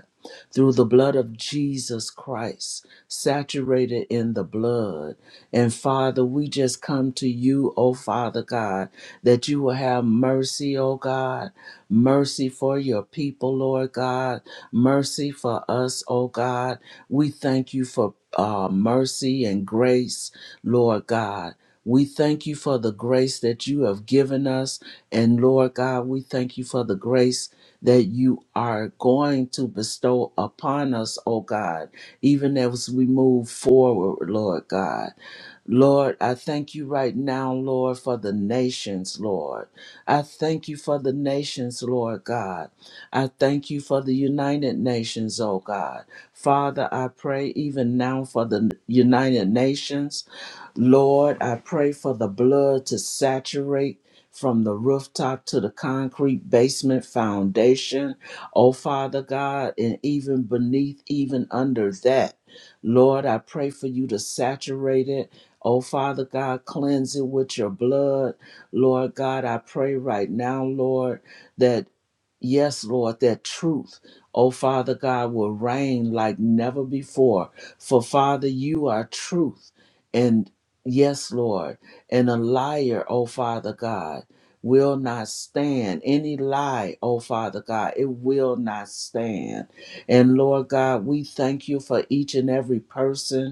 Speaker 5: through the blood of Jesus Christ, saturated in the blood. And Father, we just come to you, oh Father God, that you will have mercy, oh God, mercy for your people, Lord God, mercy for us, oh God. We thank you for uh, mercy and grace, Lord God. We thank you for the grace that you have given us. And Lord God, we thank you for the grace that you are going to bestow upon us, oh God, even as we move forward, Lord God. Lord, I thank you right now, Lord, for the nations, Lord. I thank you for the nations, Lord God. I thank you for the United Nations, oh God. Father, I pray even now for the United Nations. Lord, I pray for the blood to saturate from the rooftop to the concrete basement foundation. Oh, Father God, and even beneath, even under that. Lord, I pray for you to saturate it. Oh, Father God, cleanse it with your blood. Lord God, I pray right now, Lord, that, yes, Lord, that truth, oh, Father God, will reign like never before. For, Father, you are truth and Yes, Lord. And a liar, O Father God, will not stand. Any lie, O Father God, it will not stand. And Lord God, we thank you for each and every person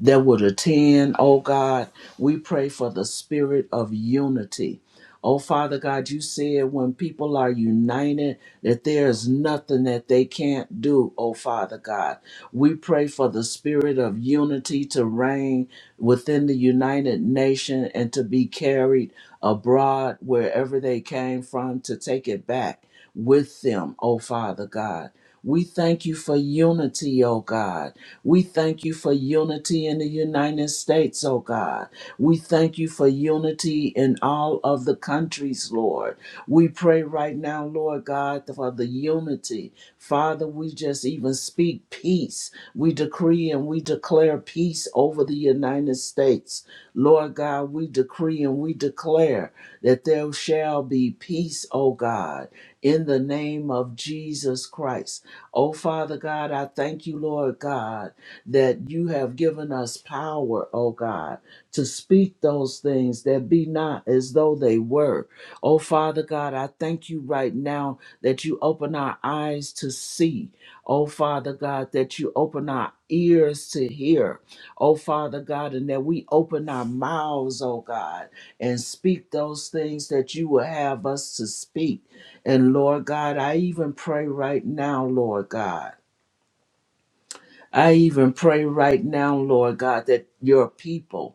Speaker 5: that would attend. Oh God, we pray for the spirit of unity. Oh Father God, you said when people are united that there is nothing that they can't do. Oh Father God, we pray for the spirit of unity to reign within the United Nation and to be carried abroad wherever they came from to take it back with them, oh Father God. We thank you for unity, O God. We thank you for unity in the United States, O God. We thank you for unity in all of the countries, Lord. We pray right now, Lord God, for the unity. Father, we just even speak peace. We decree and we declare peace over the United States. Lord God, we decree and we declare that there shall be peace, O God, in the name of Jesus Christ. Oh, Father God, I thank you, Lord God, that you have given us power, oh God, to speak those things that be not as though they were. Oh, Father God, I thank you right now that you open our eyes to see. Oh, Father God, that you open our ears to hear. Oh, Father God, and that we open our mouths, oh God, and speak those things that you will have us to speak. And Lord God, I even pray right now, Lord God. I even pray right now, Lord God, that your people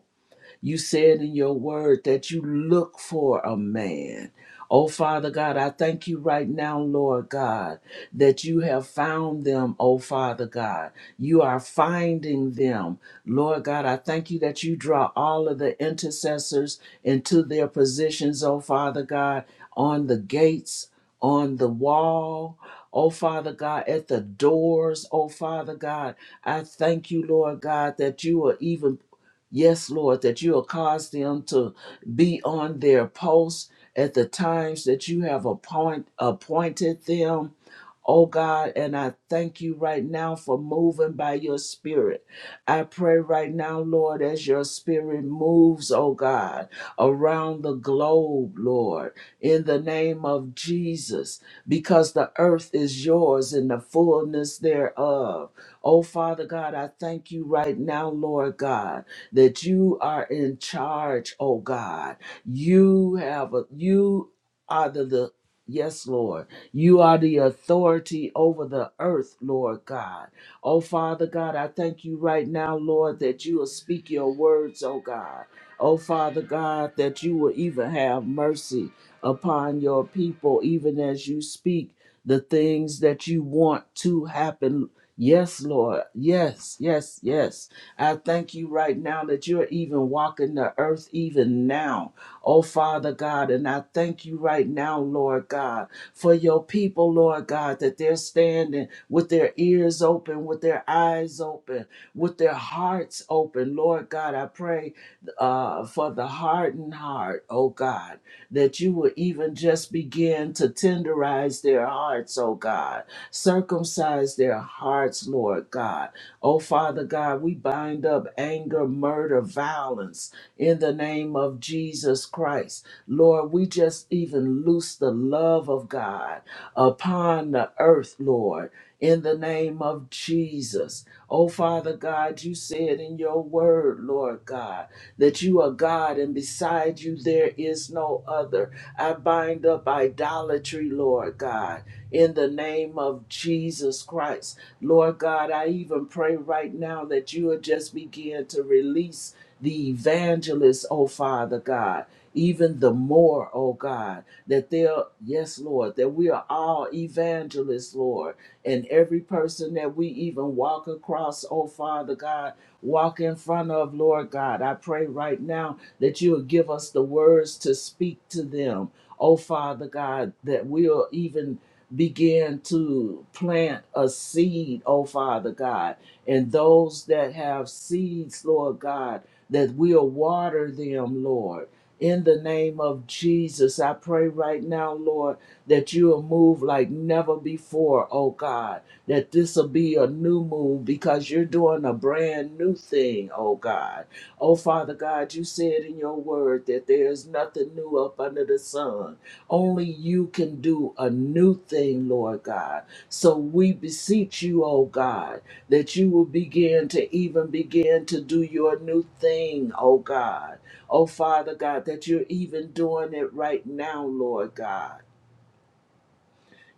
Speaker 5: you said in your word that you look for a man. Oh, Father God, I thank you right now, Lord God, that you have found them, oh, Father God. You are finding them. Lord God, I thank you that you draw all of the intercessors into their positions, oh, Father God, on the gates, on the wall, oh, Father God, at the doors, oh, Father God. I thank you, Lord God, that you are even Yes, Lord, that you will cause them to be on their posts at the times that you have appoint, appointed them. Oh God, and I thank you right now for moving by your spirit. I pray right now, Lord, as your spirit moves, oh God, around the globe, Lord, in the name of Jesus, because the earth is yours and the fullness thereof. Oh Father God, I thank you right now, Lord God that you are in charge, oh God. You have a you are the, the yes, Lord. You are the authority over the earth, Lord God. Oh Father God, I thank you right now, Lord, that you will speak your words, oh God. Oh Father God, that you will even have mercy upon your people, even as you speak the things that you want to happen. Yes, Lord. Yes, yes, yes. I thank you right now that you're even walking the earth even now, oh Father God. And I thank you right now, Lord God, for your people, Lord God, that they're standing with their ears open, with their eyes open, with their hearts open. Lord God, I pray uh, for the hardened heart, oh God, that you will even just begin to tenderize their hearts, oh God. Circumcise their hearts, Lord God Oh, Father God, we bind up anger, murder, violence in the name of Jesus Christ. Lord, we just even loose the love of God upon the earth, Lord, in the name of Jesus. Oh, Father God, you said in your word, Lord God, that you are God and beside you there there is no other. I bind up idolatry, Lord God, in the name of Jesus Christ. Lord God, I even pray right now that you would just begin to release the evangelists, oh Father God. Even the more, oh God, that they'll, yes, Lord, that we are all evangelists, Lord, and every person that we even walk across, oh Father God, walk in front of, Lord God. I pray right now that you will give us the words to speak to them. Oh, Father God, that we'll even begin to plant a seed, oh, Father God. And those that have seeds, Lord God, that we'll water them, Lord. In the name of Jesus, I pray right now, Lord, that you will move like never before, oh God. That this will be a new move because you're doing a brand new thing, oh God. Oh Father God, you said in your word that there is nothing new up under the sun. Only you can do a new thing, Lord God. So we beseech you, oh God, that you will begin to even begin to do your new thing, oh God. Oh, Father God, that you're even doing it right now, Lord God.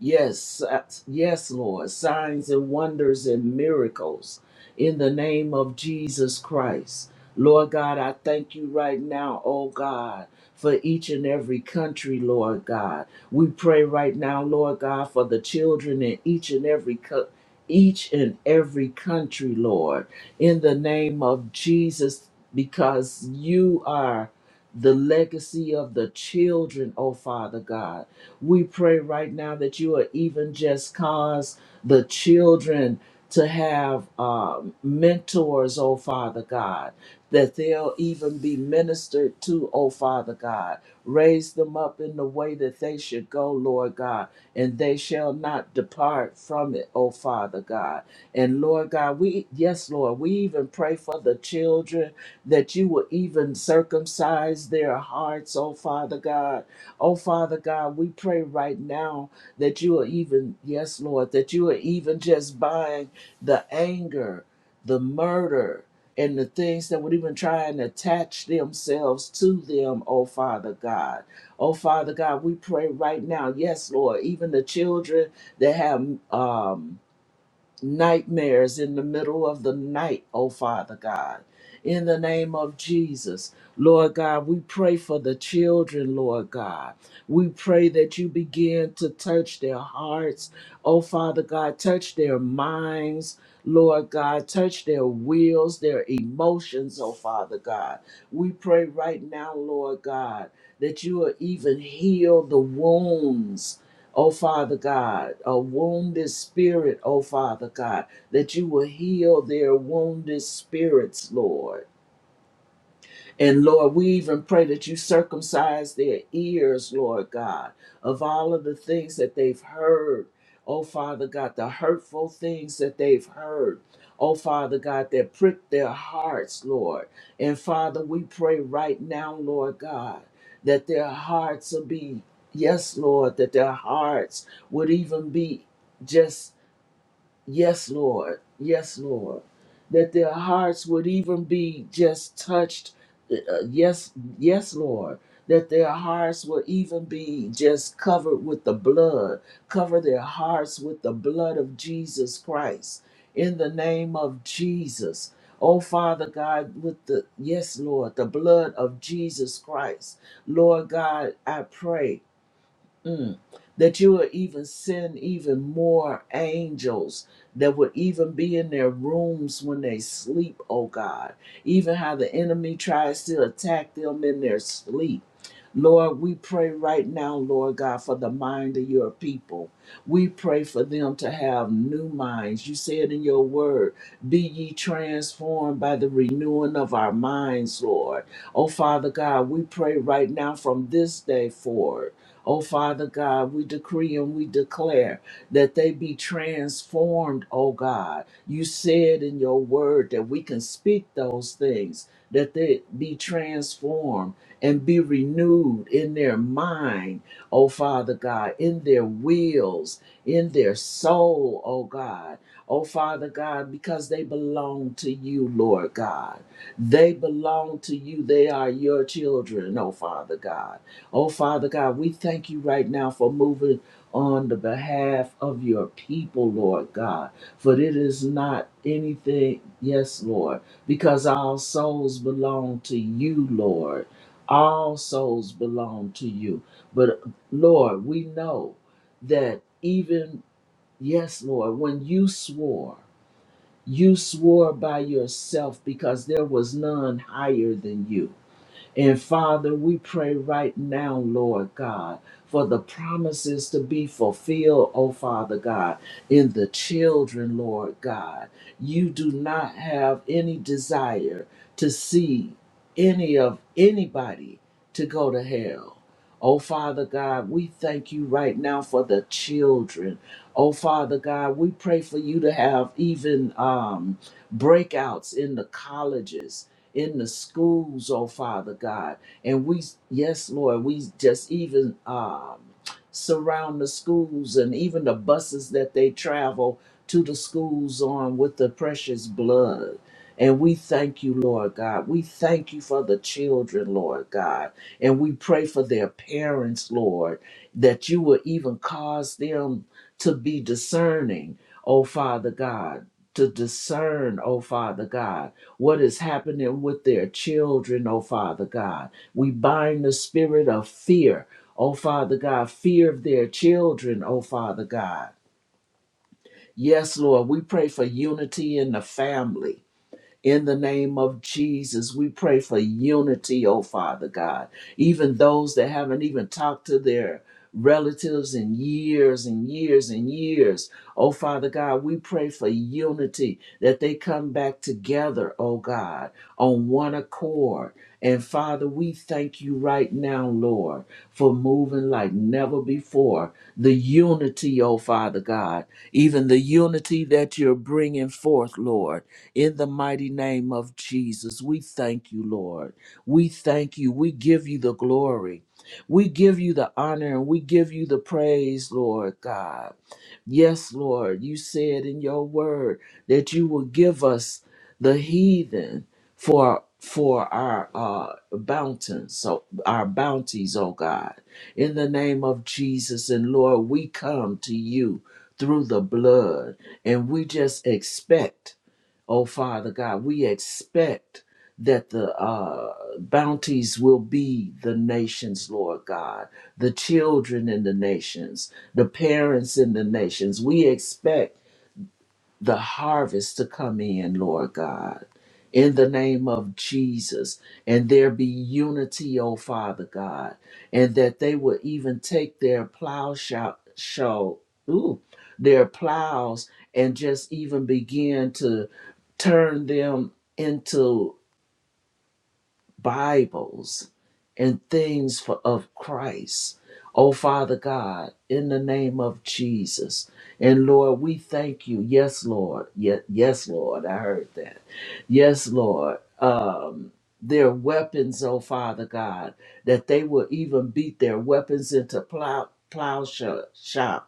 Speaker 5: Yes, uh, yes, Lord. Signs and wonders and miracles in the name of Jesus Christ. Lord God, I thank you right now, oh God, for each and every country, Lord God. We pray right now, Lord God, for the children in each and every co- each and every country, Lord, in the name of Jesus, because you are the legacy of the children, oh Father God. We pray right now that you will even just cause the children to have um, mentors, oh Father God, that they'll even be ministered to, oh Father God. Raise them up in the way that they should go, Lord God, and they shall not depart from it, oh Father God. And Lord God, we, yes, Lord, we even pray for the children that you will even circumcise their hearts, oh Father God. Oh Father God, we pray right now that you are even, yes, Lord, that you are even just buying the anger, the murder, and the things that would even try and attach themselves to them, oh Father God. Oh Father God, we pray right now, yes, Lord, even the children that have um nightmares in the middle of the night, oh Father God. In the name of Jesus, Lord God, we pray for the children, Lord God. We pray that you begin to touch their hearts, oh Father God, touch their minds. Lord God, touch their wills, their emotions, oh Father God. We pray right now, Lord God, that you will even heal the wounds Oh, Father God, a wounded spirit, oh, Father God, that you will heal their wounded spirits, Lord and Lord, we even pray that you circumcise their ears, Lord God, of all of the things that they've heard. Oh, Father God, the hurtful things that they've heard. Oh, Father God, that prick their hearts, Lord. And Father, we pray right now, Lord God, that their hearts will be, yes, Lord, that their hearts would even be just Yes, Lord. Yes, Lord. That their hearts would even be just touched. Uh, uh, yes, yes, Lord. That their hearts would even be just covered with the blood. Cover their hearts with the blood of Jesus Christ. In the name of Jesus. Oh, Father God, with the, yes, Lord, the blood of Jesus Christ. Lord God, I pray. Mm. That you would even send even more angels that would even be in their rooms when they sleep, oh God. Even how the enemy tries to attack them in their sleep. Lord, we pray right now, Lord God, for the mind of your people. We pray for them to have new minds. You said in your word, Be ye transformed by the renewing of our minds, Lord. Oh, Father God, we pray right now from this day forward. Oh, Father God, we decree and we declare that they be transformed, oh God. You said in your word that we can speak those things, that they be transformed and be renewed in their mind, oh Father God, in their wills, in their soul, oh God. Oh Father God, because they belong to you, Lord God. They belong to you. They are your children, oh Father God. Oh, Father God, we thank you right now for moving on the behalf of your people, Lord God. For it is not anything, yes, Lord, because our souls belong to you, Lord. All souls belong to you. But, Lord, we know that even, yes, Lord, when you swore, you swore by yourself because there was none higher than you. And Father, we pray right now, Lord God, for the promises to be fulfilled, oh Father God, in the children, Lord God. You do not have any desire to see any of anybody to go to hell. Oh Father God, we thank you right now for the children. Oh Father God, we pray for you to have even um, breakouts in the colleges in the schools, oh Father God. And we, yes, Lord, we just even um, surround the schools and even the buses that they travel to the schools on with the precious blood. And we thank you, Lord God. We thank you for the children, Lord God. And we pray for their parents, Lord, that you will even cause them to be discerning, oh Father God to discern, oh Father God, what is happening with their children, oh Father God. We bind the spirit of fear, oh Father God, fear of their children, oh Father God. Yes, Lord, we pray for unity in the family. In the name of Jesus, we pray for unity, oh Father God. Even those that haven't even talked to their relatives in years and years and years, oh Father God, we pray for unity that they come back together, oh God, on one accord. And Father, we thank you right now, Lord, for moving like never before. The unity, oh Father God, even the unity that you're bringing forth, Lord, in the mighty name of Jesus. We thank you, Lord. We thank you. We give you the glory. We give you the honor and we give you the praise, Lord God. Yes, Lord, you said in your word that you will give us the heathen for for our uh bounties, so our bounties, oh God. In the name of Jesus and Lord, we come to you through the blood and we just expect Oh, Father God, we expect that the uh, bounties will be the nations, Lord God, the children in the nations, the parents in the nations. We expect the harvest to come in, Lord God, in the name of Jesus. And there be unity, O Father God, and that they will even take their plow shout, show, ooh, their plows and just even begin to turn them into Bibles and things for, of Christ. Oh, Father God, in the name of Jesus. And Lord, we thank you. Yes, Lord. Yes, yes Lord. I heard that. Yes, Lord. Um, their weapons, oh, Father God, that they will even beat their weapons into plow, plowshares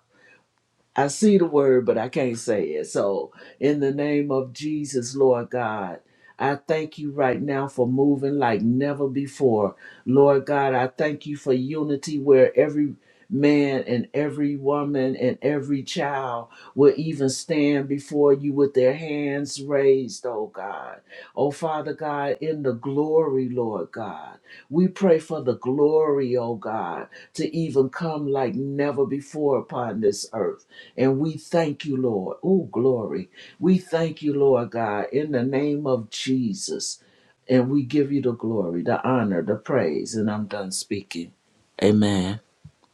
Speaker 5: I see the word, but I can't say it. So, in the name of Jesus, Lord God, I thank you right now for moving like never before. Lord God, I thank you for unity where every man and every woman and every child will even stand before you with their hands raised, oh God. Oh Father God, in the glory, Lord God, we pray for the glory, oh God, to even come like never before upon this earth. And we thank you, Lord. Oh, glory. We thank you, Lord God, in the name of Jesus. And we give you the glory, the honor, the praise. And I'm done speaking. Amen.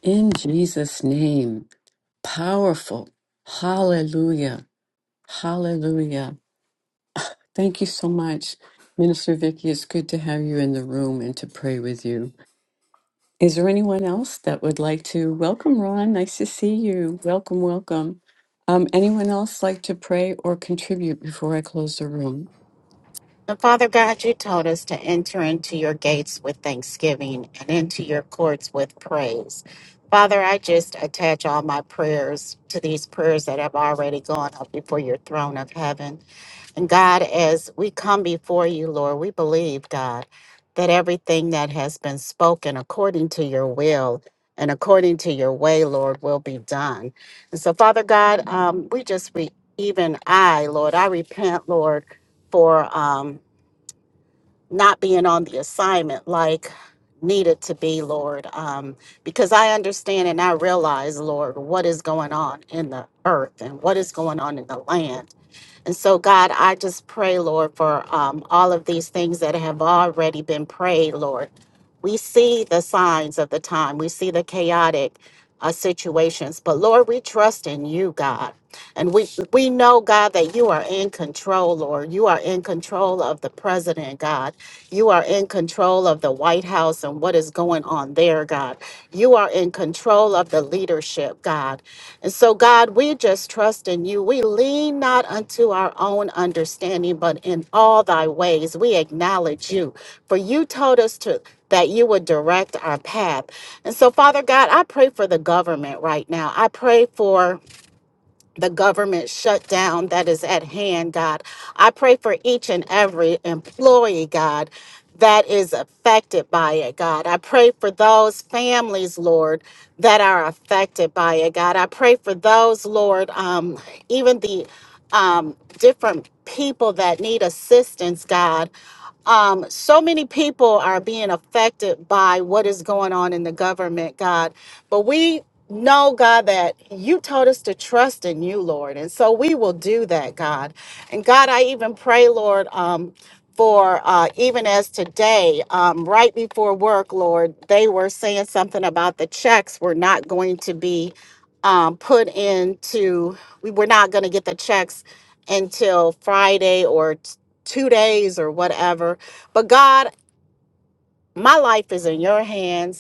Speaker 1: In Jesus' name. Powerful. Hallelujah. Hallelujah. Thank you so much, Minister Vicky. It's good to have you in the room and to pray with you. Is there anyone else that would like to welcome Ron? Nice to see you. Welcome, welcome. Um, anyone else like to pray or contribute before I close the room?
Speaker 6: And Father God, you told us to enter into your gates with thanksgiving and into your courts with praise. Father, I just attach all my prayers to these prayers that have already gone up before your throne of heaven. And God, as we come before you, Lord, we believe, God, that everything that has been spoken according to your will and according to your way, Lord, will be done. And so, Father God, um, we just, re- even I, Lord, I repent, Lord, for. Um, not being on the assignment like needed to be, Lord, um, because I understand and I realize, Lord, what is going on in the earth and what is going on in the land. And so, God, I just pray, Lord, for um, all of these things that have already been prayed, Lord. We see the signs of the time, we see the chaotic uh, situations, but Lord, we trust in you, God. And we, we know, God, that you are in control, Lord. You are in control of the president, God. You are in control of the White House and what is going on there, God. You are in control of the leadership, God. And so, God, we just trust in you. We lean not unto our own understanding, but in all thy ways we acknowledge you. For you told us to that you would direct our path. And so, Father God, I pray for the government right now. I pray for the government shutdown that is at hand, God. I pray for each and every employee, God, that is affected by it, God. I pray for those families, Lord, that are affected by it, God. I pray for those, Lord, um, even the um, different people that need assistance, God. Um, so many people are being affected by what is going on in the government, God. But we know, God, that you told us to trust in you, Lord. And so we will do that, God. And God, I even pray, Lord, um, for uh, even as today, um, right before work, Lord, they were saying something about the checks were not going to be um, put into, we were not going to get the checks until Friday or t- two days or whatever. But God, my life is in your hands.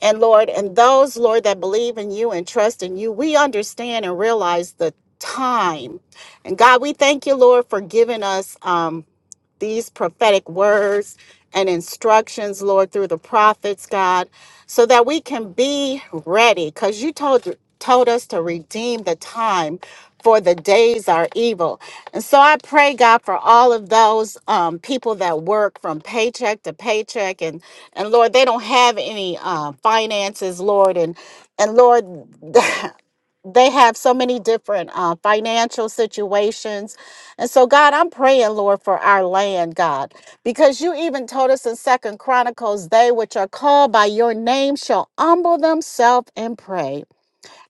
Speaker 6: And Lord, and those, Lord, that believe in you and trust in you, we understand and realize the time. And God, we thank you, Lord, for giving us. um, these prophetic words and instructions, Lord, through the prophets, God, so that we can be ready. Because you told told us to redeem the time for the days are evil. And so I pray, God, for all of those um, people that work from paycheck to paycheck, and and Lord, they don't have any uh, finances, Lord, and and Lord, (laughs) they have so many different uh, financial situations. And so, God, I'm praying, Lord, for our land, God, because you even told us in Second Chronicles, they which are called by your name shall humble themselves and pray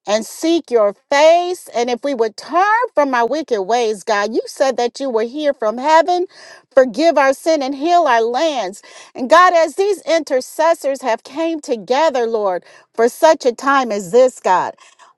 Speaker 6: and seek your face. And if we would turn from our wicked ways, God, you said that you were here from heaven, forgive our sin and heal our lands. And God, as these intercessors have came together, Lord, for such a time as this, God.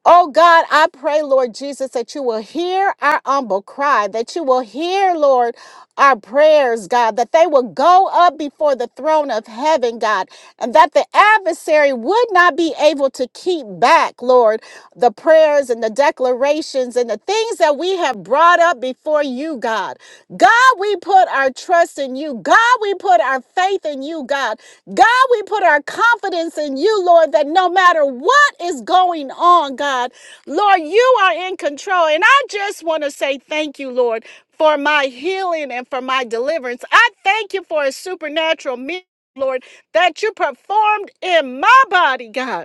Speaker 6: Oh God, I pray, Lord Jesus, that you will hear our humble cry, that you will hear, Lord, our prayers, God, that they will go up before the throne of heaven, God, and that the adversary would not be able to keep back, Lord the prayers and the declarations and the things that we have brought up before you, God. God, we put our trust in you. God, we put our faith in you, God. God, we put our confidence in you, Lord, that no matter what is going on, God, Lord, you are in control. And I just want to say thank you, Lord, for my healing and for my deliverance. I thank you for a supernatural miracle, Lord, that you performed in my body, God.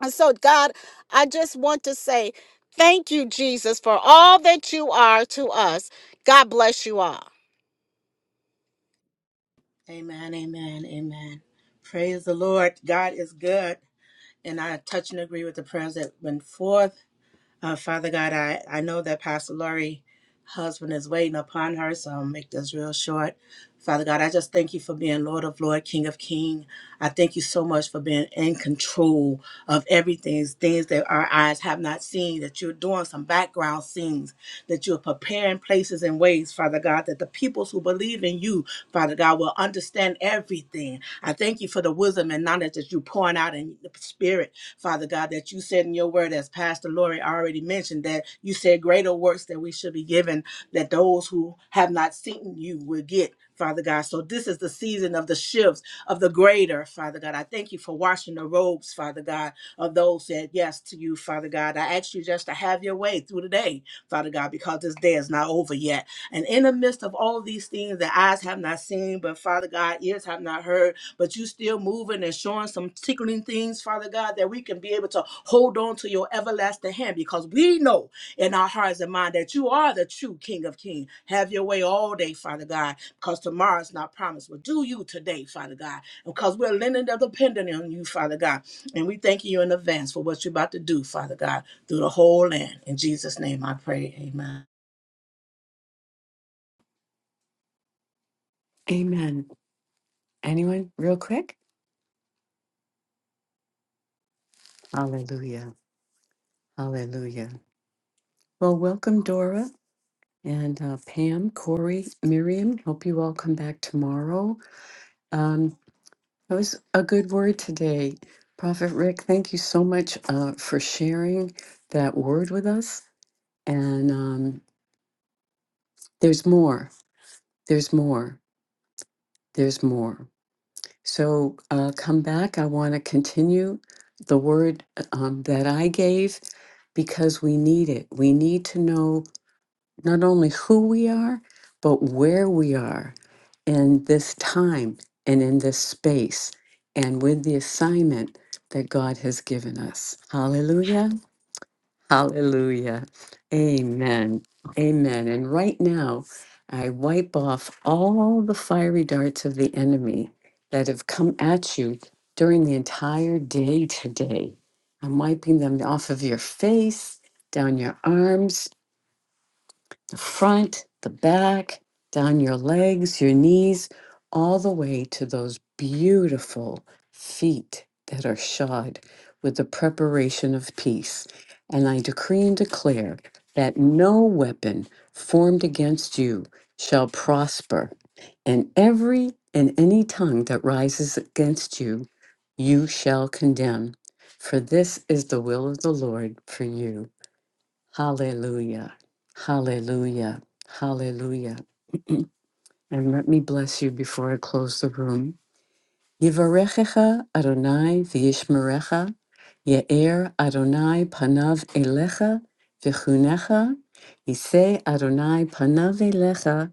Speaker 6: And so, God, I just want to say thank you, Jesus, for all that you are to us. God bless you all.
Speaker 2: Amen, amen, amen. Praise the Lord. God is good. And I touch and agree with the prayers that went forth. Uh, Father God, I, I know that Pastor Lori husband is waiting upon her, so I'll make this real short. Father God, I just thank you for being Lord of Lord, King of King. I thank you so much for being in control of everything, things that our eyes have not seen, that you're doing some background scenes, that you're preparing places and ways, Father God, that the peoples who believe in you, Father God, will understand everything. I thank you for the wisdom and knowledge that you're pouring out in the spirit Father God, that you said in your word, as Pastor Lori already mentioned, that you said greater works that we should be given, that those who have not seen you will get. Father God. So this is the season of the shifts of the greater, Father God. I thank you for washing the robes, Father God, of those that said yes to you, Father God. I ask you just to have your way through the day, Father God, because this day is not over yet. And in the midst of all of these things that eyes have not seen, but Father God, ears have not heard, but you still moving and showing some tickling things, Father God, that we can be able to hold on to your everlasting hand because we know in our hearts and mind that you are the true King of Kings. Have your way all day, Father God, because tomorrow's not promised. But do you today, Father God, because we're leaning and dependent on you, Father God. And we thank you in advance for what you're about to do, Father God, through the whole land. In Jesus' name I pray. Amen.
Speaker 1: Amen. Anyone, real quick? Hallelujah. Hallelujah. Well, welcome, Dora and uh, Pam, Corey, Miriam. Hope you all come back tomorrow. Um, That was a good word today. Prophet Rick, thank you so much uh, for sharing that word with us. And um, there's more, there's more, there's more. So uh, come back. I want to continue the word um, that I gave because we need it. We need to know not only who we are, but where we are in this time and in this space and with the assignment that God has given us. Hallelujah. Hallelujah. Amen. Amen. And right now, I wipe off all the fiery darts of the enemy that have come at you during the entire day today. I'm wiping them off of your face, down your arms, the front, the back, down your legs, your knees, all the way to those beautiful feet that are shod with the preparation of peace. And I decree and declare that no weapon formed against you shall prosper, and every and any tongue that rises against you, you shall condemn. For this is the will of the Lord for you. Hallelujah. Hallelujah. Hallelujah. And let me bless you before I close the room. Yivarechecha Adonai v'yishmerecha, Ye'er Adonai panav elecha v'chunecha, Yisei Adonai panav elecha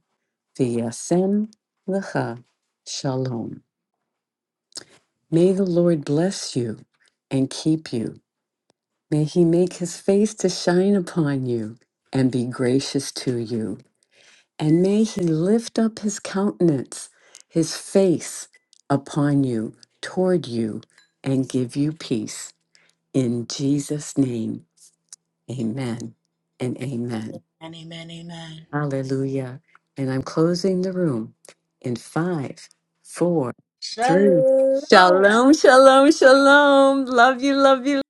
Speaker 1: v'yasem lecha. Shalom. May the Lord bless you and keep you. May he make his face to shine upon you and be gracious to you. and may he lift up his countenance, his face upon you, toward you, and give you peace. In Jesus' name, amen and amen.
Speaker 2: And amen, amen.
Speaker 1: Hallelujah. And I'm closing the room in five, four, three.
Speaker 2: Shalom.
Speaker 1: Shalom, shalom, shalom. Love you, love you.